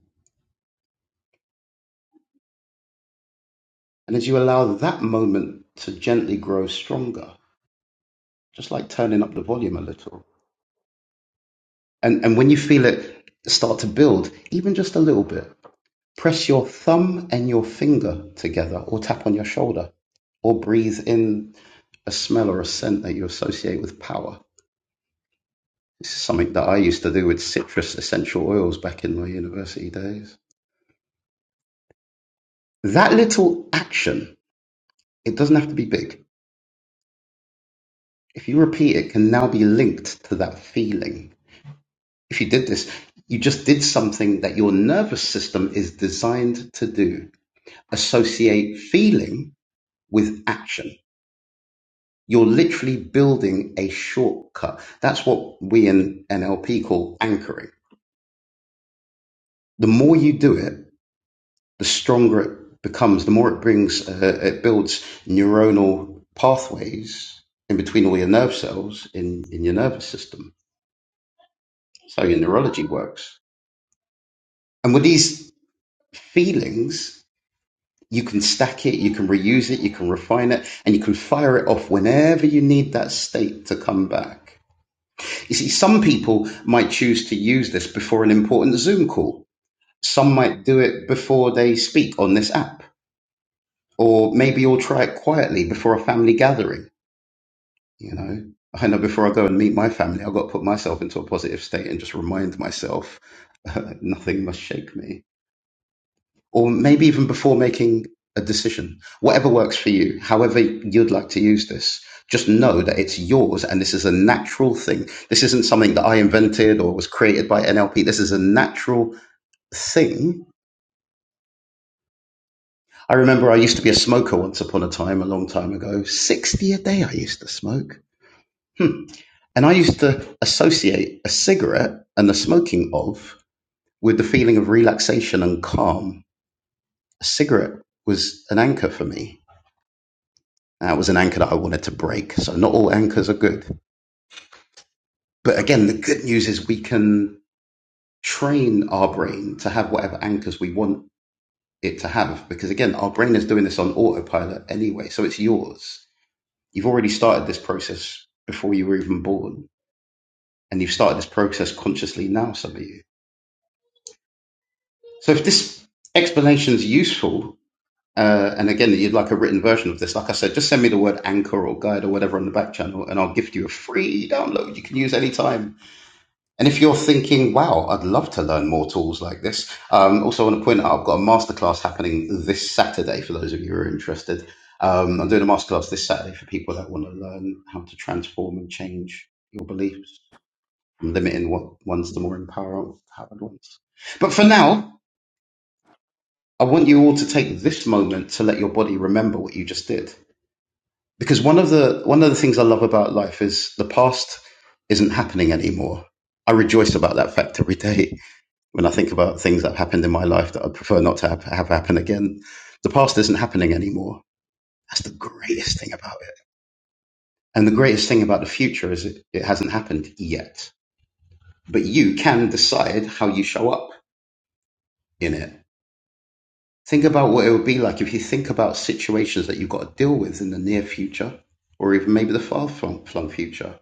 [SPEAKER 1] And as you allow that moment to gently grow stronger, just like turning up the volume a little, and, and when you feel it start to build, even just a little bit, press your thumb and your finger together or tap on your shoulder or breathe in a smell or a scent that you associate with power This is something that I used to do with citrus essential oils back in my university days. That little action, it doesn't have to be big. If you repeat it, can now be linked to that feeling. If you did this, you just did something that your nervous system is designed to do. Associate feeling with action. You're literally building a shortcut. That's what we in NLP call anchoring. The more you do it, the stronger it becomes, the more it brings, uh, it builds neuronal pathways in between all your nerve cells in, in your nervous system. So your neurology works. And with these feelings, you can stack it, you can reuse it, you can refine it, and you can fire it off whenever you need that state to come back. You see, some people might choose to use this before an important Zoom call. Some might do it before they speak on this app. Or maybe you'll try it quietly before a family gathering You know, I know before I go and meet my family, I've got to put myself into a positive state and just remind myself nothing must shake me. Or maybe even before making a decision, whatever works for you, however you'd like to use this, just know that it's yours and this is a natural thing. This isn't something that I invented or was created by NLP. This is a natural thing. I remember I used to be a smoker once upon a time, a long time ago. 60 a day I used to smoke. Hmm. And I used to associate a cigarette and the smoking of with the feeling of relaxation and calm. A cigarette was an anchor for me. And it was an anchor that I wanted to break. So not all anchors are good. But again, the good news is we can train our brain to have whatever anchors we want it to have. Because again, our brain is doing this on autopilot anyway. So it's yours. You've already started this process before you were even born. And you've started this process consciously now, some of you. So if this explanation is useful, uh, and again, you'd like a written version of this, like I said, just send me the word anchor or guide or whatever on the back channel, and I'll gift you a free download you can use anytime. And if you're thinking, wow, I'd love to learn more tools like this, um, also I want to point out I've got a masterclass happening this Saturday for those of you who are interested. Um, I'm doing a masterclass this Saturday for people that want to learn how to transform and change your beliefs, from limiting what ones to more empower- empowered ones. But for now, I want you all to take this moment to let your body remember what you just did. Because one of the one of the things I love about life is the past isn't happening anymore. I rejoice about that fact every day when I think about things that have happened in my life that I prefer not to have, have happen again. The past isn't happening anymore. That's the greatest thing about it. And the greatest thing about the future is it, it hasn't happened yet. But you can decide how you show up in it Think about what it would be like if you think about situations that you've got to deal with in the near future or even maybe the far flung flung future.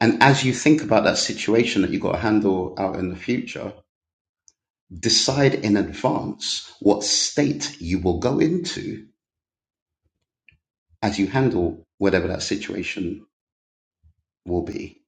[SPEAKER 1] And as you think about that situation that you've got to handle out in the future, decide in advance what state you will go into as you handle whatever that situation will be.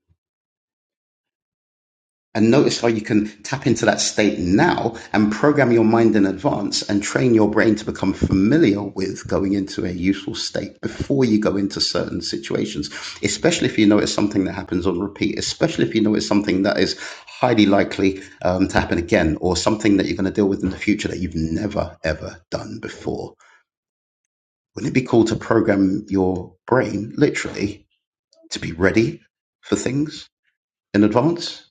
[SPEAKER 1] And notice how you can tap into that state now and program your mind in advance and train your brain to become familiar with going into a useful state before you go into certain situations, especially if you know it's something that happens on repeat, especially if you know it's something that is highly likely um, to happen again or something that you're going to deal with in the future that you've never, ever done before. Wouldn't it be cool to program your brain literally to be ready for things in advance?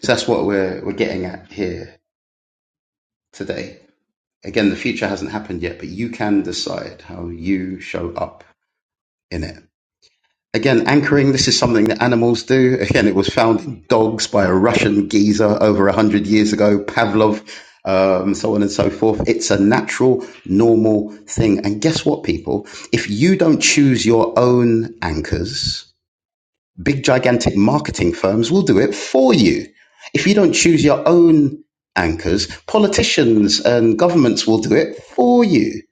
[SPEAKER 1] So that's what we're, we're getting at here today. Again, the future hasn't happened yet, but you can decide how you show up in it. Again, anchoring, this is something that animals do. Again, it was found in dogs by a Russian geezer over 100 years ago, Pavlov, um, so on and so forth. It's a natural, normal thing. And guess what, people? If you don't choose your own anchors, Big gigantic marketing firms will do it for you. If you don't choose your own anchors, politicians and governments will do it for you.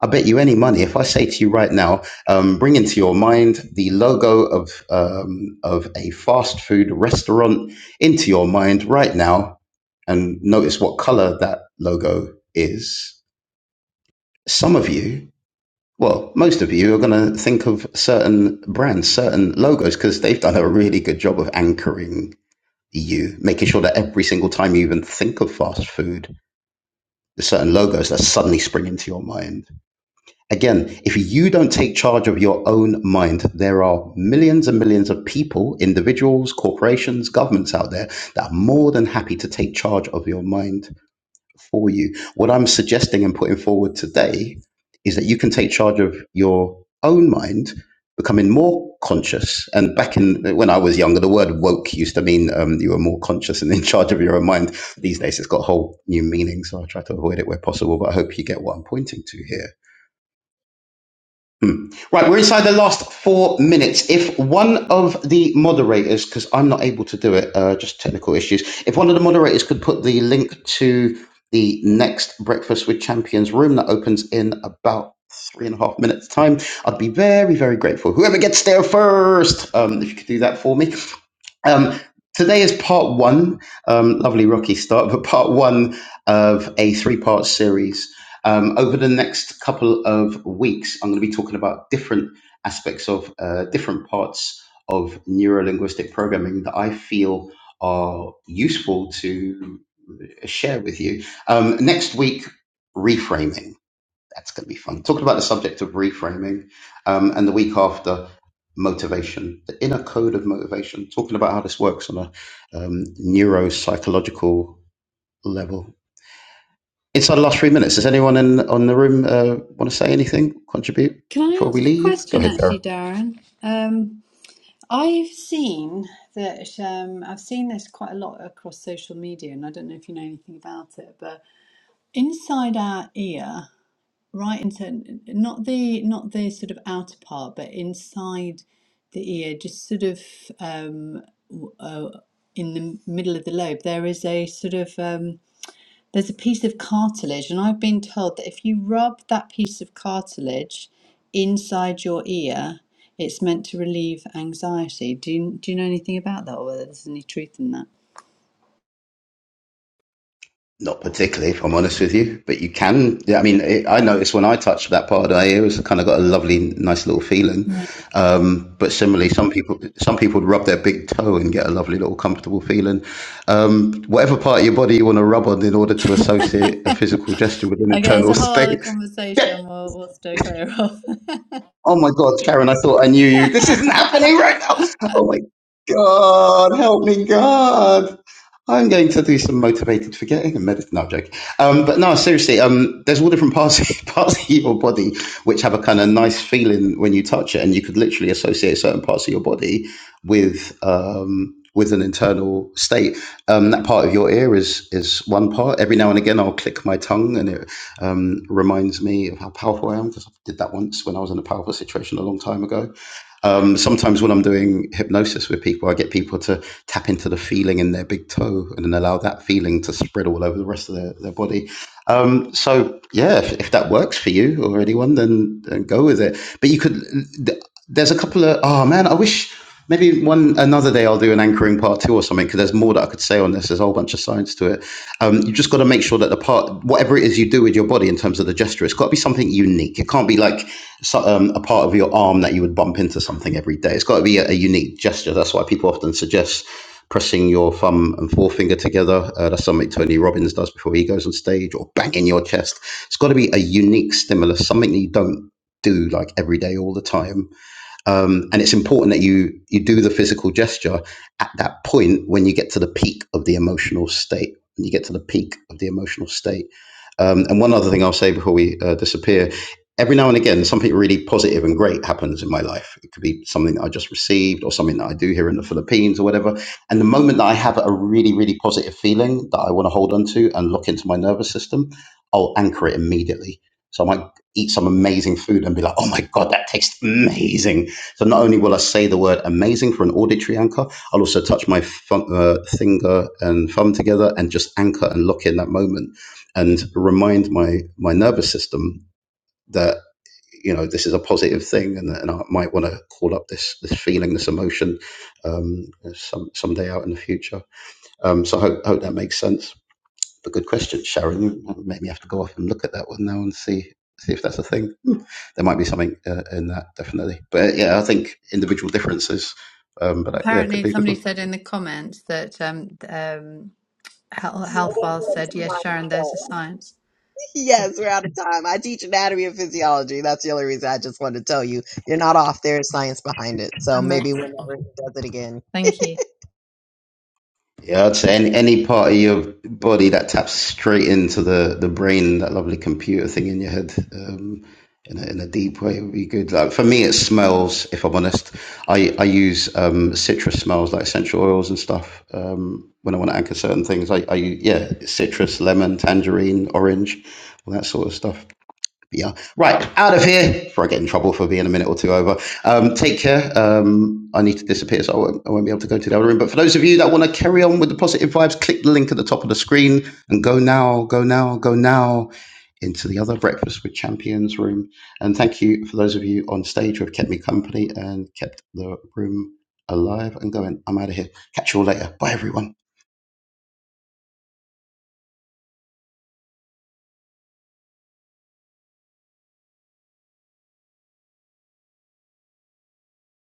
[SPEAKER 1] I bet you any money. If I say to you right now, um, bring into your mind the logo of um, of a fast food restaurant into your mind right now, and notice what color that logo is. Some of you well, most of you are going to think of certain brands, certain logos, because they've done a really good job of anchoring EU, making sure that every single time you even think of fast food, there's certain logos that suddenly spring into your mind. Again, if you don't take charge of your own mind, there are millions and millions of people, individuals, corporations, governments out there that are more than happy to take charge of your mind for you. What I'm suggesting and putting forward today is that you can take charge of your own mind, becoming more conscious. And back in when I was younger, the word woke used to mean um, you were more conscious and in charge of your own mind. These days, it's got a whole new meaning, so I try to avoid it where possible. But I hope you get what I'm pointing to here Hmm. Right, we're inside the last four minutes. If one of the moderators, because I'm not able to do it, uh, just technical issues, if one of the moderators could put the link to the next Breakfast with Champions room that opens in about three and a half minutes' time, I'd be very, very grateful. Whoever gets there first, um, if you could do that for me. Um, today is part one, um, lovely rocky start, but part one of a three part series. Um, over the next couple of weeks, I'm going to be talking about different aspects of uh, different parts of neuro linguistic programming that I feel are useful to share with you. Um, next week, reframing. That's going to be fun. Talking about the subject of reframing, um, and the week after, motivation, the inner code of motivation. Talking about how this works on a um, neuropsychological level. Inside the last three minutes, does anyone in on the room uh, want to say anything, contribute
[SPEAKER 8] Can I
[SPEAKER 1] before we
[SPEAKER 8] ask a
[SPEAKER 1] leave? Go
[SPEAKER 8] question,
[SPEAKER 1] ahead, Sarah.
[SPEAKER 8] actually, Darren? Um, I've seen that um, I've seen this quite a lot across social media, and I don't know if you know anything about it, but inside our ear. right into not the not the sort of outer part but inside the ear just sort of um w- uh, in the middle of the lobe there is a sort of um there's a piece of cartilage and I've been told that if you rub that piece of cartilage inside your ear it's meant to relieve anxiety do you, do you know anything about that or whether there's any truth in that
[SPEAKER 1] Not particularly, if I'm honest with you, but you can. yeah, I mean, it, I noticed when I touched that part of the ear, it's kind of got a lovely, nice little feeling.
[SPEAKER 8] yeah
[SPEAKER 1] Um, but similarly, some people, some people would rub their big toe and get a lovely little comfortable feeling. Um, whatever part of your body you want to rub on in order to associate a physical gesture with an
[SPEAKER 8] okay there's
[SPEAKER 1] internal
[SPEAKER 8] a whole
[SPEAKER 1] state.
[SPEAKER 8] other conversation we'll, we'll steer clear of
[SPEAKER 1] oh my God, Karen, I thought I knew you. This isn't happening right now. Oh my God, help me, God. I'm going to do some motivated forgetting and meditate. No, I'm joking. Um, but no, seriously, um, there's all different parts parts of your body which have a kind of nice feeling when you touch it, and you could literally associate certain parts of your body with um, with an internal state. Um, that part of your ear is is one part. Every now and again, I'll click my tongue, and it um, reminds me of how powerful I am because I did that once when I was in a powerful situation a long time ago um, sometimes when I'm doing hypnosis with people, I get people to tap into the feeling in their big toe and then allow that feeling to spread all over the rest of their, their body. Um, so, yeah, if, if that works for you or anyone, then, then go with it. But you could, th- there's a couple of, oh man, I wish maybe one another day I'll do an anchoring part two or something because there's more that I could say on this. There's a whole bunch of science to it. Um, you just got to make sure that the part, whatever it is you do with your body in terms of the gesture, it's got to be something unique. It can't be like, so, um, a part of your arm that you would bump into something every day. It's got to be a, a unique gesture. That's why people often suggest pressing your thumb and forefinger together. Uh, that's something Tony Robbins does before he goes on stage, or banging your chest. It's got to be a unique stimulus, something that you don't do like every day all the time um, and it's important that you you do the physical gesture at that point when you get to the peak of the emotional state when you get to the peak of the emotional state um, and one other thing i'll say before we uh, disappear every now and again something really positive and great happens in my life it could be something that i just received or something that i do here in the philippines or whatever and the moment that i have a really really positive feeling that i want to hold on to and lock into my nervous system i'll anchor it immediately so i might eat some amazing food and be like oh my god that tastes amazing so not only will I say the word amazing for an auditory anchor, I'll also touch my thumb, uh, finger and thumb together and just anchor and lock in that moment and remind my my nervous system that you know this is a positive thing and, and I might want to call up this this feeling, this emotion um, some someday out in the future. Um, so I hope, hope that makes sense a good question, Sharon. Make me have to go off and look at that one now and see see if that's a thing. Hmm. There might be something uh, in that, definitely. But uh, yeah, I think individual differences. Um, but uh, yeah, it could
[SPEAKER 8] Apparently,
[SPEAKER 1] be a good
[SPEAKER 8] somebody
[SPEAKER 1] one.
[SPEAKER 8] said in the comments that um, um, Health Healthwell said, "Yes, Sharon, there's a science."
[SPEAKER 10] Yes, we're out of time. I teach anatomy and physiology. That's the only reason I just wanted to tell you. You're not off. There's science behind it. So
[SPEAKER 8] Amazing.
[SPEAKER 10] maybe whenever he does it again,
[SPEAKER 8] Thank you.
[SPEAKER 1] Yeah, I'd say any, any part of your body that taps straight into the, the brain, that lovely computer thing in your head, um, in a, in a deep way would be good. Like for me, it smells. If I'm honest, I I use um, citrus smells like essential oils and stuff um, when I want to anchor certain things. I, I u- yeah, citrus, lemon, tangerine, orange, all that sort of stuff. Yeah. Right. Out of here before I get in trouble for being a minute or two over. Um, take care. Um, I need to disappear, so I won't, I won't be able to go to the other room. But for those of you that want to carry on with the positive vibes, click the link at the top of the screen and go now, go now, go now into the other Breakfast with Champions room. And thank you for those of you on stage who have kept me company and kept the room alive and going. I'm out of here. Catch you all later. Bye, everyone.